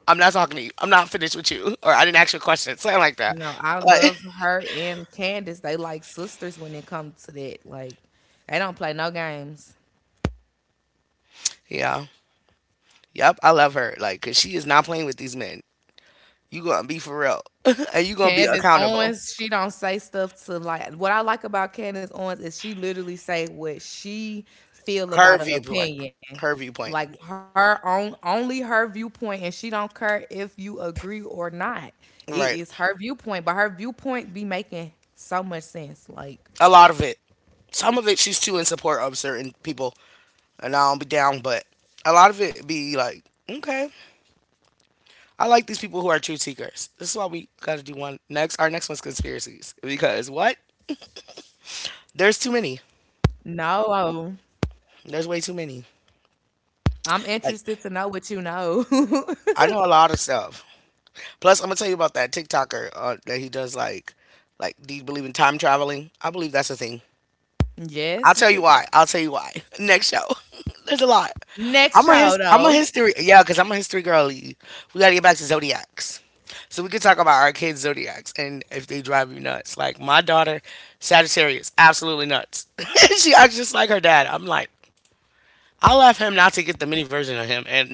S1: I'm not talking to you. I'm not finished with you, or I didn't ask you a question, something like that."
S2: No, I
S1: But
S2: love her and Candace. They like sisters when it comes to that. Like, they don't play no games.
S1: yeah, yep, I love her, like, cause she is not playing with these men. You gonna be for real, and you gonna be
S2: Candace
S1: accountable.
S2: Owens, she don't say stuff to like what I like about Candace Owens is she literally say what she
S1: Her
S2: feel about an
S1: viewpoint. Her
S2: opinion.
S1: viewpoint.
S2: Like her own only her viewpoint and she don't care if you agree or not.
S1: Right.
S2: It is her viewpoint, but her viewpoint be making so much sense.
S1: A
S2: Like,
S1: lot of it. Some of it she's too in support of certain people and I don't be down, but a lot of it be like, okay. I like these people who are truth seekers. This is why we gotta do one next our next one's conspiracies. Because what? There's too many.
S2: no,
S1: There's way too many.
S2: I'm
S1: Like
S2: interested to know what you know.
S1: I know a lot of stuff. Plus I'm gonna tell you about that TikToker uh, that he does like like do you believe in time traveling? I believe that's a thing.
S2: yes,
S1: I'll
S2: you
S1: tell
S2: could
S1: you why. I'll tell you why. Next show. There's a lot.
S2: next
S1: I'm a
S2: show
S1: his. I'm a
S2: though.
S1: history. Yeah, because I'm a history girly. We gotta get back to zodiacs. So we could talk about our kids' zodiacs and if they drive you nuts. Like my daughter, Sagittarius, absolutely nuts. She acts just like her dad. I'm like, I left him not to get the mini version of him. And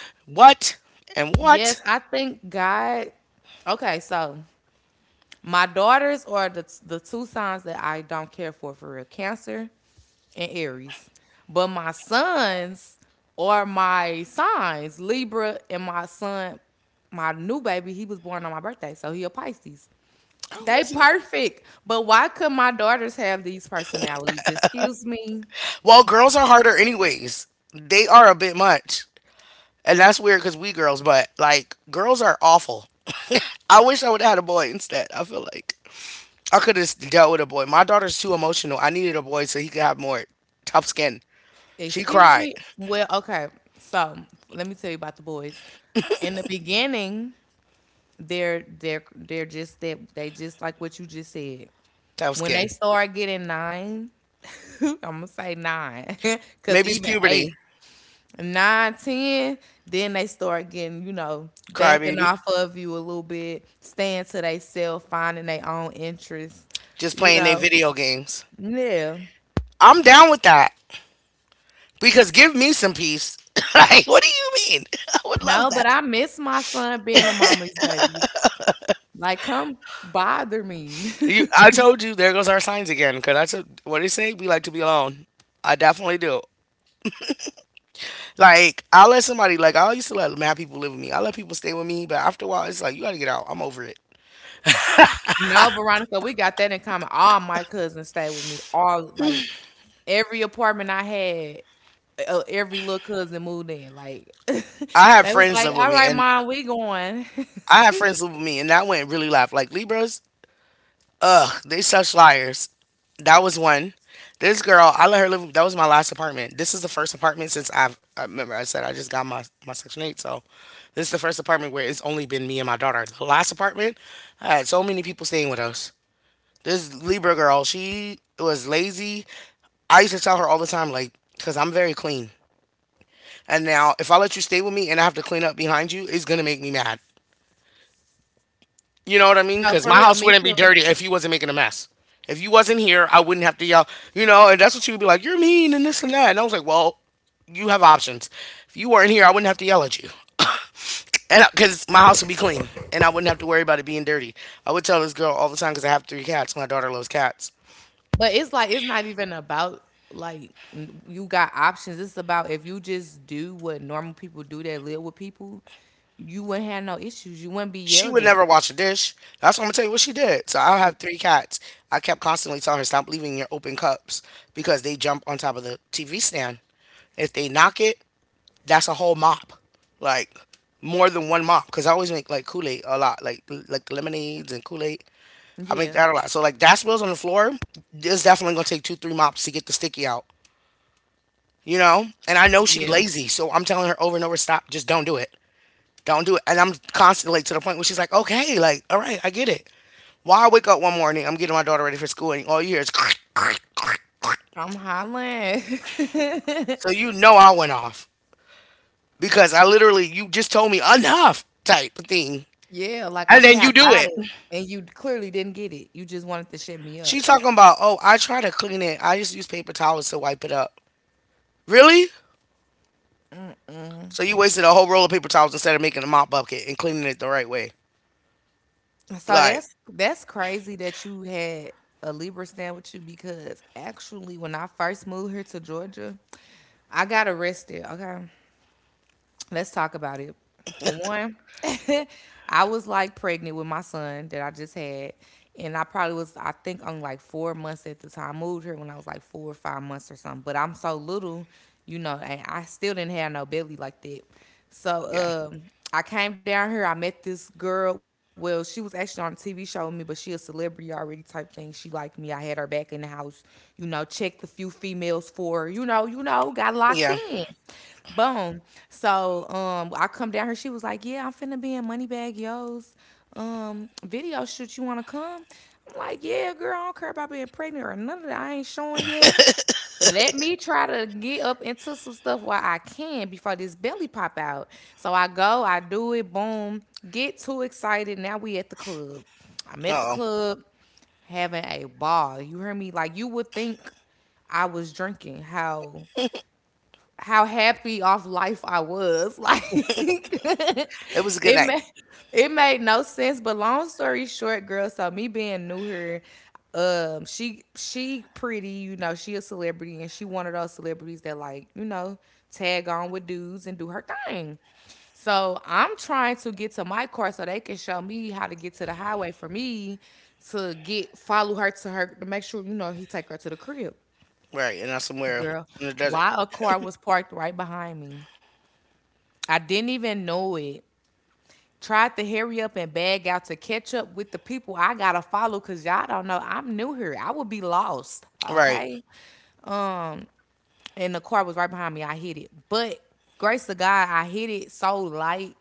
S1: what? And
S2: Yes,
S1: what?
S2: I think God okay, so my daughters are the the two signs that I don't care for for real: Cancer and Aries. But my sons are my signs: Libra and my son, my new baby. He was born on my birthday, so he a Pisces.
S1: How
S2: They
S1: is he?
S2: perfect. But why could my daughters have these personalities? Excuse me.
S1: Well, girls are harder anyways. They are a bit much. And that's weird because we girls, but like girls are awful. I wish I would have had a boy instead. I feel like I could have dealt with a boy. My daughter's too emotional. I needed a boy so he could have more tough skin. She
S2: Excuse
S1: cried.
S2: me. Well, okay. So let me tell you about the boys. In the beginning, they're they're they're just that they just like what you just said.
S1: Tough
S2: When they
S1: skin.
S2: start getting nine, I'm gonna say nine, cause
S1: Maybe it's
S2: even
S1: puberty.
S2: eight, nine, ten, then they start getting, you know,
S1: Cry
S2: backing
S1: baby.
S2: off of you a little bit, staying to they self, finding their own interests,
S1: Just
S2: you
S1: playing their
S2: know.
S1: video games.
S2: Yeah.
S1: I'm down with that because give me some peace. Like, what do you mean? I would love
S2: No, but
S1: that.
S2: I miss my son being a mommy's baby. Like, come bother me.
S1: You, I told you there goes our signs again. Cause I said, what did it say? We like to be alone. I definitely do. Like I'll let somebody like I used to let mad people live with me. I let people stay with me, but after a while, it's like you gotta get out. I'm over it.
S2: no, Veronica, we got that in common. All my cousins stayed with me. All like every apartment I had, uh, every little cousin moved in. Like
S1: I have
S2: they was
S1: friends
S2: like,
S1: live with
S2: "All
S1: me,
S2: right,
S1: and
S2: mom, we going."
S1: I have friends live with me, and that went really left. Like Libras, ugh, they such liars. That was one. This girl, I let her live. That was my last apartment. This is the first apartment since I've. I remember I said I just got my my section eight, so this is the first apartment where it's only been me and my daughter. The last apartment, I had so many people staying with us. This Libra girl, she was lazy. I used to tell her all the time, like, because I'm very clean. And now, if I let you stay with me and I have to clean up behind you, it's going to make me mad. You know what I mean?
S2: no,
S1: Because my
S2: for real,
S1: house
S2: me
S1: wouldn't be
S2: too.
S1: dirty if you wasn't making a mess. If you wasn't here, I wouldn't have to yell, you know, and that's what she would be like, you're mean and this and that. And I was like, well, you have options. If you weren't here, I wouldn't have to yell at you. And because my house would be clean and I wouldn't have to worry about it being dirty. I would tell this girl all the time because I have three cats. My daughter loves cats.
S2: But it's like it's not even about like n- you got options. It's about if you just do what normal people do that live with people, you wouldn't have no issues. You wouldn't be
S1: She
S2: yelled
S1: would
S2: at.
S1: never wash a dish. That's what I'm gonna tell you what she did. So I have three cats. I kept constantly telling her stop leaving your open cups because they jump on top of the T V stand. If they knock it, that's a whole mop, like more than one mop. Cause I always make like Kool Aid a lot, like like lemonades and Kool Aid. I make
S2: Yeah,
S1: that a lot. So like that spills on the floor. It's definitely gonna take two three mops to get the sticky out. You know, and I know she's
S2: yeah.
S1: lazy, so I'm telling her over and over, stop, just don't do it. Don't do it. And I'm constantly like, to the point where she's like, okay, like, all right, I get it. Why I wake up one morning, I'm getting my daughter ready for school, and all you hear is crick, crick, crick, crick.
S2: I'm hollering.
S1: So you know I went off because I literally, you just told me enough type of thing.
S2: yeah, like
S1: And
S2: okay,
S1: then
S2: I
S1: you do
S2: got
S1: it.
S2: it, and you clearly didn't get it. You just wanted to shut me up.
S1: She talking about, oh, I try to clean it. I just use paper towels to wipe it up. Really? So you wasted a whole roll of paper towels instead of making a mop bucket and cleaning it the right way.
S2: So
S1: Like,
S2: that's that's crazy that you had a Libra stand with you because actually when I first moved here to Georgia, I got arrested, okay? Let's talk about it. For one, I was like pregnant with my son that I just had. And I probably was, I think, on like four months at the time. I moved here when I was like four or five months or something. But I'm so little, you know, and I still didn't have no belly like that.
S1: yeah.
S2: So um, I came down here. I met this girl. Well, she was actually on a T V show with me, but she a celebrity already type thing. She liked me. I had her back in the house, you know, checked a few females for, her, you know, you know, got locked
S1: Yeah.
S2: in. Boom. So um, I come down here. She was like, "Yeah, I'm finna be in Moneybag Yo's um video shoot. You wanna come?" I'm like, "Yeah, girl. I don't care about being pregnant or none of that. I ain't showing yet. Let me try to get up into some stuff while I can before this belly pop out." So I go, I do it. Boom. Get too excited. Now we at the club. I'm at the
S1: Uh oh.
S2: club having a ball. You hear me? Like you would think I was drinking. How how happy off life I was. Like
S1: It was a good
S2: it
S1: night.
S2: made it made no sense. But long story short, girl, so me being new here, um, she she pretty, you know, she a celebrity and she one of those celebrities that like, you know, tag on with dudes and do her thing. So I'm trying to get to my car so they can show me how to get to the highway for me to get follow her to her to make sure, you know, he take her to the crib.
S1: Right. And I'm somewhere
S2: Girl,
S1: in the desert.
S2: why a car was parked right behind me? I didn't even know it. Tried to hurry up and bag out to catch up with the people I gotta follow because y'all don't know I'm new here. I would be lost.
S1: Right.
S2: Okay. And the car was right behind me. I hit it, but grace of God, I hit it so light,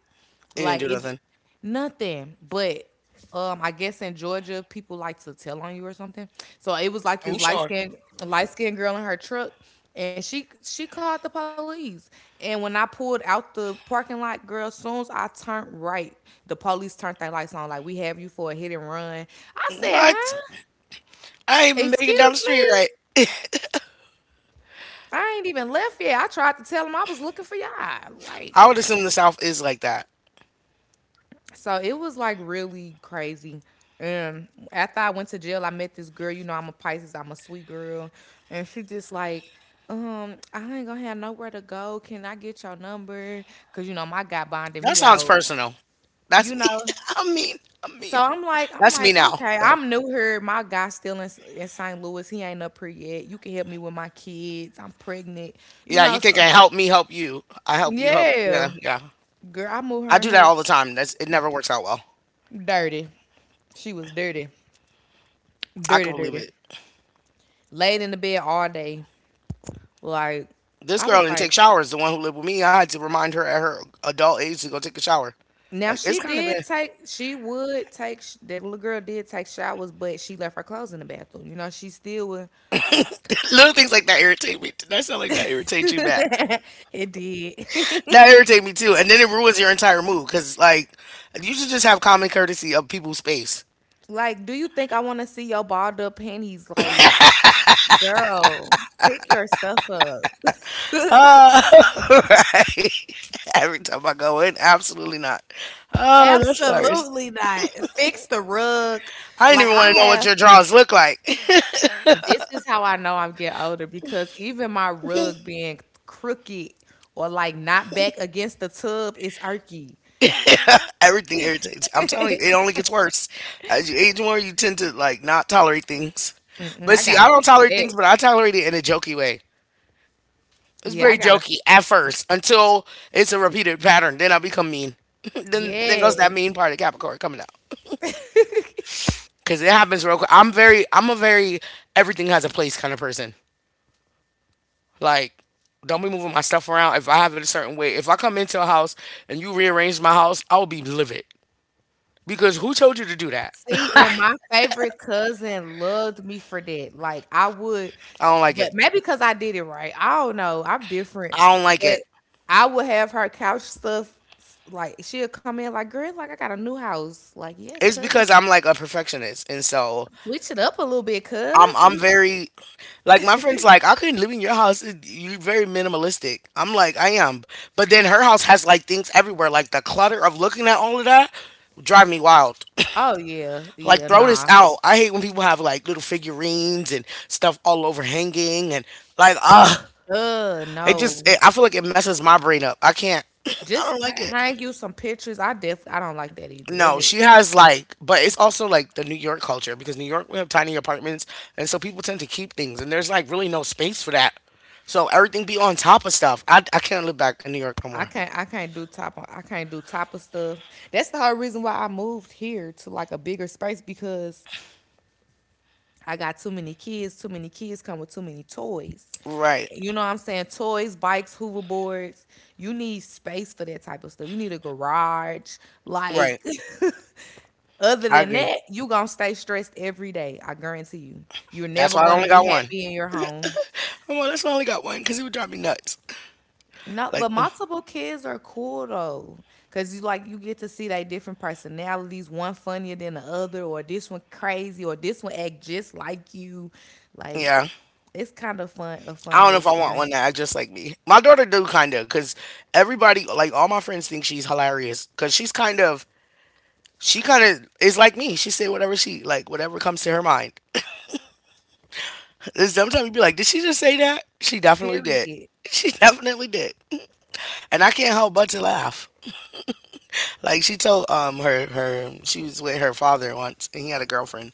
S1: They didn't
S2: like
S1: do
S2: it
S1: nothing.
S2: nothing. But um, I guess in Georgia, people like to tell on you or something. So it was like
S1: I'm
S2: this light
S1: sorry.
S2: skinned light skinned girl in her truck, and she she called the police. And when I pulled out the parking lot, girl, soon as I turned right, the police turned their lights on. Like we have you for a hit and run. I said,
S1: What?
S2: huh?
S1: I ain't even making it down the
S2: Excuse
S1: street
S2: me.
S1: right.
S2: I ain't even left yet. I tried to tell him I was looking for y'all. Like,
S1: I would assume the South is like that.
S2: so it was like really crazy. And after I went to jail, I met this girl. You know, I'm a Pisces. I'm a sweet girl, and she just like, um, I ain't gonna have nowhere to go. Can I get your number? Cause you know my guy bonded
S1: That
S2: me
S1: sounds
S2: out.
S1: personal. That's
S2: You
S1: me.
S2: know.
S1: I mean, I mean,
S2: So I'm like, I'm
S1: that's me
S2: like,
S1: now,
S2: okay,
S1: though.
S2: I'm new here. My guy's still in, in Saint Louis. He ain't up here yet. You can help me with my kids. I'm pregnant. You
S1: Yeah, you
S2: know,
S1: think
S2: so
S1: I help me help you. I help you help. Yeah,
S2: yeah.
S1: yeah.
S2: Girl, I moved her
S1: I
S2: and
S1: do that
S2: her
S1: all the time. That's it never works out well.
S2: dirty. She was dirty,
S1: I can
S2: dirty,
S1: believe
S2: dirty.
S1: it.
S2: Laid in the bed all day. Like
S1: This
S2: I
S1: girl
S2: was
S1: didn't
S2: like,
S1: take showers. The one who lived with me, I had to remind her at her adult age to go take a shower.
S2: now
S1: Like it's
S2: she
S1: kind of
S2: did
S1: bad.
S2: take, she would take. sh- That little girl did take showers, but she left her clothes in the bathroom. You know, she still would.
S1: Little things like that irritate me. That sound like that irritates you bad.
S2: it did.
S1: That irritates me too, and then it ruins your entire mood because like you should just have common courtesy of people's space.
S2: like, do you think I want to see your balled up panties? Like, girl, pick your stuff up.
S1: Uh, right. Every time I go in, absolutely not. Oh, that's hilarious.
S2: Absolutely not. Fix the rug.
S1: I didn't
S2: Like
S1: even
S2: I
S1: want to know what
S2: have
S1: your drawers look like.
S2: this is how I know I'm getting older because even my rug being crooked or like not back against the tub is irky.
S1: Everything irritates. I'm telling you, it only gets worse as you age more. You tend to like not tolerate things.
S2: Mm-mm,
S1: But
S2: I
S1: see, I
S2: gotta
S1: don't
S2: fix
S1: tolerate
S2: that.
S1: things, but I tolerate it in a jokey way. It's
S2: Yeah, I
S1: very
S2: gotta.
S1: jokey at first until it's a repeated pattern. Then I become mean. then then goes that
S2: Yes.
S1: mean part of Capricorn coming out. Cause it happens real quick. I'm very, I'm a very everything has a place kind of person. Like, don't be moving my stuff around. If I have it a certain way, if I come into a house and you rearrange my house, I will be livid. Because who told you to do that?
S2: See, and my favorite cousin loved me for that. Like I would,
S1: I don't like
S2: but
S1: it.
S2: maybe because I did it right. I don't know. I'm different,
S1: I don't like
S2: but
S1: it.
S2: I would have her couch stuff. Like she'll come in like, girl, like I got a new house. Like yes,
S1: It's
S2: cousin,
S1: because I'm like a perfectionist, and so
S2: switch it up a little bit,
S1: I'm
S2: cuz.
S1: I'm very like my friends like I couldn't live in your house. It- You're very minimalistic. I'm like I am, but then her house has like things everywhere. Like the clutter of looking at all of that drive me wild.
S2: Oh yeah, yeah,
S1: Like throw this
S2: nah.
S1: out. I hate when people have like little figurines and stuff all over hanging and like ah,
S2: Uh
S1: it just it,
S2: no.
S1: I feel like it messes my brain up. I can't. I don't
S2: Just put,
S1: like it.
S2: hang you some pictures. I def I don't like that either. That's
S1: No,
S2: it.
S1: she has like, but it's also like the New York culture because New York we have tiny apartments, and so people tend to keep things, and there's like really no space for that. So everything be on top of stuff. I I can't live back in New York no
S2: I
S1: more.
S2: can't I can't do top of- I can't do top of stuff. That's the whole reason why I moved here to like a bigger space because I got too many kids. Too many kids come with too many toys.
S1: Right,
S2: You know what I'm saying? Toys, bikes, hoverboards. You need space for that type of stuff. You need a garage. Like,
S1: right.
S2: other
S1: I
S2: than
S1: agree.
S2: that, you going to stay stressed every day. I guarantee you. You're
S1: That's
S2: never
S1: why I
S2: going to
S1: only
S2: be
S1: got one.
S2: happy in your home.
S1: Oh well, that's why I only got one because it would drive me nuts.
S2: No, but
S1: Like, mm,
S2: multiple kids are cool though, cause you like you get to see they different personalities. One funnier than the other, or this one crazy, or this one act just like you. Like
S1: yeah.
S2: it's kind of fun, a
S1: I
S2: fun
S1: don't
S2: little
S1: know if I want
S2: experience.
S1: one that act just like me. My daughter do kind of, cause everybody, like all my friends, think she's hilarious, cause she's kind of, she kind of is like me. She say whatever she like, whatever comes to her mind. And sometimes you be like, did she just say that? She definitely did.
S2: Period.
S1: She definitely did. And I can't help but to laugh. Like she told um her her she was with her father once, and he had a girlfriend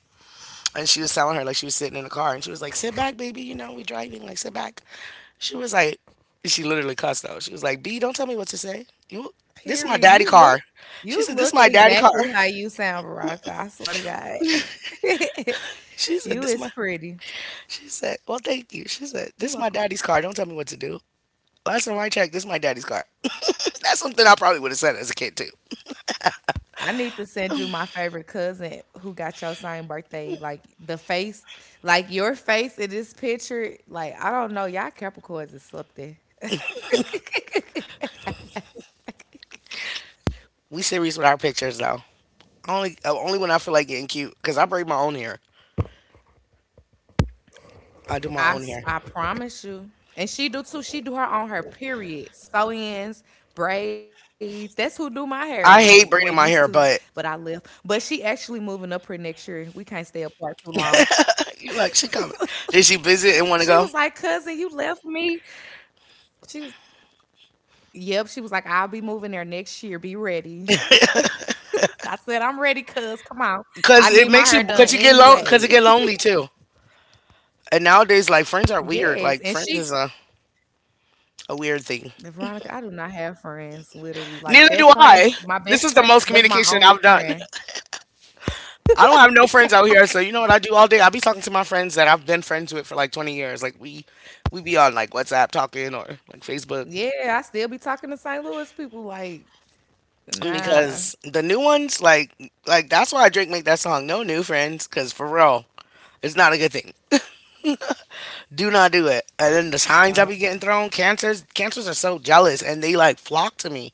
S1: and she was telling her like she was sitting in the car and she was like, "Sit back, baby. You know we driving. Like sit back." She was like, she literally cussed out. She was like, "B, don't tell me what to say. You, this is my
S2: Period.
S1: daddy
S2: You look,
S1: car." She
S2: you
S1: said, "This is
S2: look
S1: my daddy
S2: exactly
S1: car."
S2: how you sound, Veronica. I swear to God,
S1: She said,
S2: you
S1: "This
S2: is
S1: my."
S2: pretty.
S1: She said, "Well, thank you." She said,
S2: You're
S1: "This is my
S2: welcome.
S1: daddy's car. Don't tell me what to do." Last time I checked, this is my daddy's car. That's something I probably would have said as a kid too.
S2: I need to send you my favorite cousin who got your same birthday. Like the face, like your face in this picture. Like I don't know, y'all Capricorns is something.
S1: We serious with our pictures though. Only, uh, only when I feel like getting cute, cause I braid my own hair.
S2: I s- I promise you,
S1: I do my
S2: and
S1: own
S2: she
S1: hair.
S2: do too. She do her on her period, sew-ins, braids. That's who do my hair. Like well used to, but I left.
S1: I hate
S2: But she
S1: braiding my hair,
S2: actually
S1: but
S2: moving up here next year. We can't stay apart too long.
S1: you like she
S2: She
S1: coming?
S2: was like,
S1: Did she
S2: cousin, you
S1: visit and
S2: left
S1: want to go?
S2: me. She was Yep, she was like, I'll be moving there next year. Be ready. I said, I'm ready, cuz come on. I need my hair done
S1: Cause it makes you cause
S2: anyway.
S1: you get lon cause it get lonely too. And nowadays, like friends are
S2: yes. And
S1: weird.
S2: she
S1: Like friends is a a weird thing.
S2: Veronica, I do not have friends, literally. Like that
S1: Neither do
S2: friend, my
S1: I.
S2: best friend
S1: This is the
S2: was
S1: most
S2: my only
S1: communication I've
S2: friend.
S1: done. I don't have no friends out here, so you know what I do all day? I be talking to my friends that I've been friends with for like twenty years. Like we we be on like WhatsApp talking or like Facebook
S2: Yeah, I still be talking to Saint Louis people like nah,
S1: because the new ones like like that's why Drake make that song No New Friends cuz for real, it's not a good thing. Do not do it. And then the signs I
S2: nah.
S1: be getting thrown, cancers, cancers are so jealous and they like flock to me.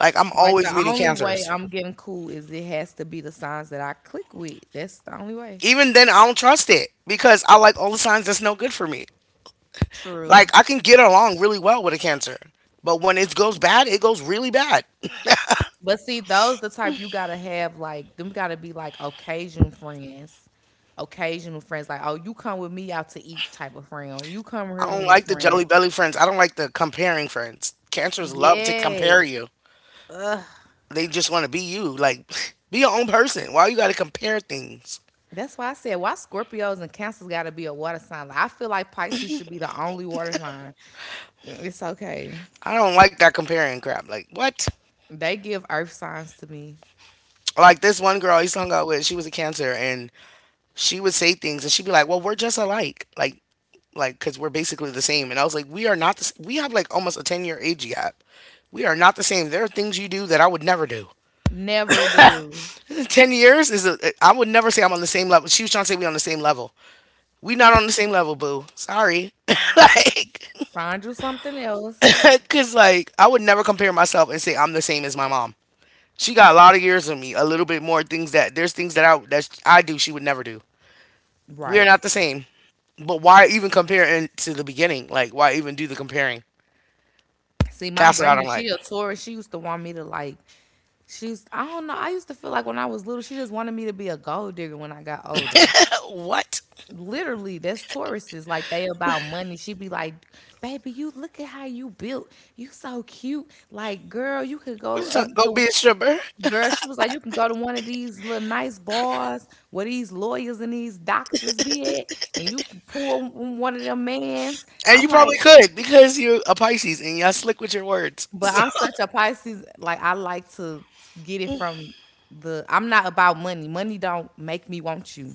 S1: Like I'm
S2: Like
S1: always
S2: the
S1: meeting
S2: only
S1: cancers.
S2: way I'm getting cool is it has to be the signs that I click with. That's the only way.
S1: Even then, I don't trust it because I like all the signs that's no good for me. Like
S2: True.
S1: I can get along really well with a cancer, but when it goes bad, it goes really bad.
S2: But see, those the type you gotta have like them gotta be like occasion friends. Occasional friends, like, oh, you come with me out to eat type of friend, or you come here
S1: I
S2: with
S1: don't
S2: me,
S1: like the
S2: friend.
S1: jelly belly friends. I don't like the comparing friends. Cancers love to compare
S2: Yes.
S1: you. They just want to be you. Like, be your own person. Why you got to compare things?
S2: That's why I said why Scorpios and Cancers gotta be a water sign. Like, I feel like Pisces should be the only water sign. It's okay.
S1: I don't like that comparing crap. Like, what?
S2: They give earth signs to me.
S1: Like this one girl I used to hung out with, she was a cancer, and she would say things, and she'd be like, "Well, we're just alike, like, like, cause we're basically the same." And I was like, "We are not. The, s- we have like almost a ten year age gap. We are not the same. There are things you do that I would never do.
S2: Never do.
S1: Ten years is. A, I would never say I'm on the same level. She was trying to say we on the same level. We not on the same level, boo. Sorry, like,
S2: Find you something else.
S1: cause like I would never compare myself and say I'm the same as my mom. She got a lot of years on me, a little bit more things that there's things that I that I do she would never do. We are
S2: Right.
S1: not the same. But why even compare in to the beginning? Like, why even do the comparing?
S2: See, my
S1: That's what I
S2: granny,
S1: don't like.
S2: she a Taurus. She used to want me to like. She's I don't know. I used to feel like when I was little, she just wanted me to be a gold digger when I got older.
S1: Uh, What?
S2: Literally, that's Tauruses. Like they about money. She'd be like, "Baby, you look at how you built. You so cute. Like, girl, you could
S1: What
S2: go
S1: you trying?
S2: up
S1: Go be
S2: to
S1: a stripper,
S2: girl." She was like, "You can go to one of these little nice bars where these lawyers and these doctors be at, and you can pull one of them mans."
S1: and you
S2: I'm like,
S1: probably could because you're a Pisces and y'all slick with your words.
S2: but I'm such a Pisces, like I like to get it from the I'm not about money. Money don't make me want you.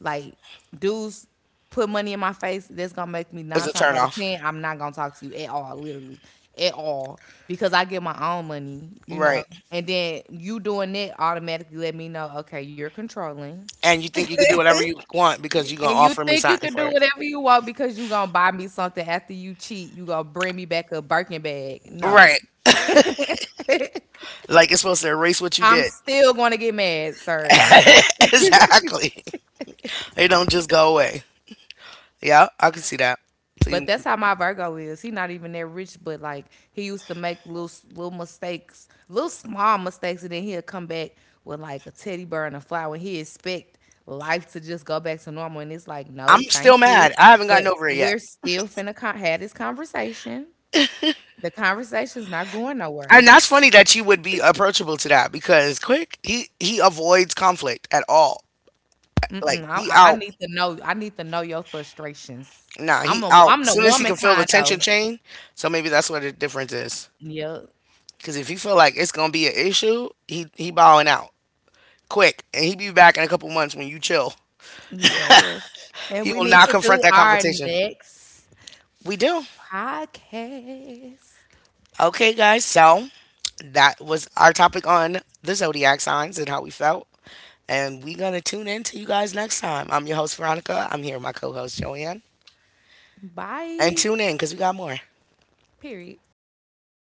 S2: Like dudes put money in my face, that's gonna make me
S1: So it's
S2: nine
S1: a
S2: times out of
S1: turnoff,
S2: ten, I'm not gonna talk to you at all, literally. At all. Because I get my own money, you
S1: right?
S2: know. And then you doing that automatically let me know, okay, you're controlling.
S1: And you think you could do whatever you want because you're gonna
S2: And you
S1: offer me
S2: think you
S1: something
S2: can
S1: for
S2: do
S1: it,
S2: whatever you want because you gonna buy me something after you cheat, you gonna bring me back a Birkin bag. No.
S1: right? Like it's supposed to erase what you
S2: I'm
S1: did.
S2: still going to get mad, sir.
S1: Exactly. They don't just go away. Yeah, I can see that. So
S2: But
S1: you,
S2: that's how my Virgo is. He not even that rich, but like he used to make little little mistakes, little small mistakes, and then he'll come back with like a teddy bear and a flower. And he expect life to just go back to normal, and it's like, no,
S1: I'm
S2: thank
S1: still
S2: you.
S1: mad. I haven't
S2: But
S1: gotten over it yet.
S2: we're still finna con- have this conversation. The conversation's not going
S1: And
S2: nowhere.
S1: that's funny that you would be approachable to that because Quick, he he avoids conflict at all. Like
S2: Mm-mm, I,
S1: he
S2: I I
S1: out.
S2: need to know. I need to know your frustrations.
S1: Nah,
S2: I'm
S1: he
S2: a
S1: out.
S2: I'm
S1: As
S2: the
S1: soon as he
S2: woman
S1: can feel the
S2: kind
S1: tension
S2: though.
S1: chain, so maybe that's where the difference is.
S2: Yeah.
S1: Because if you feel like it's gonna be an issue, he he bowing out quick, and he be back in a couple months when you chill.
S2: Yes. And
S1: He
S2: we
S1: will
S2: need
S1: not
S2: to
S1: confront
S2: do
S1: that
S2: our
S1: confrontation.
S2: next
S1: We do.
S2: podcast.
S1: Okay, guys. So that was our topic on the zodiac signs and how we felt. And we're gonna tune in to you guys next time. I'm your host Veronica. I'm here with my co-host Joanne. And
S2: Bye.
S1: tune in because we got more.
S2: Period.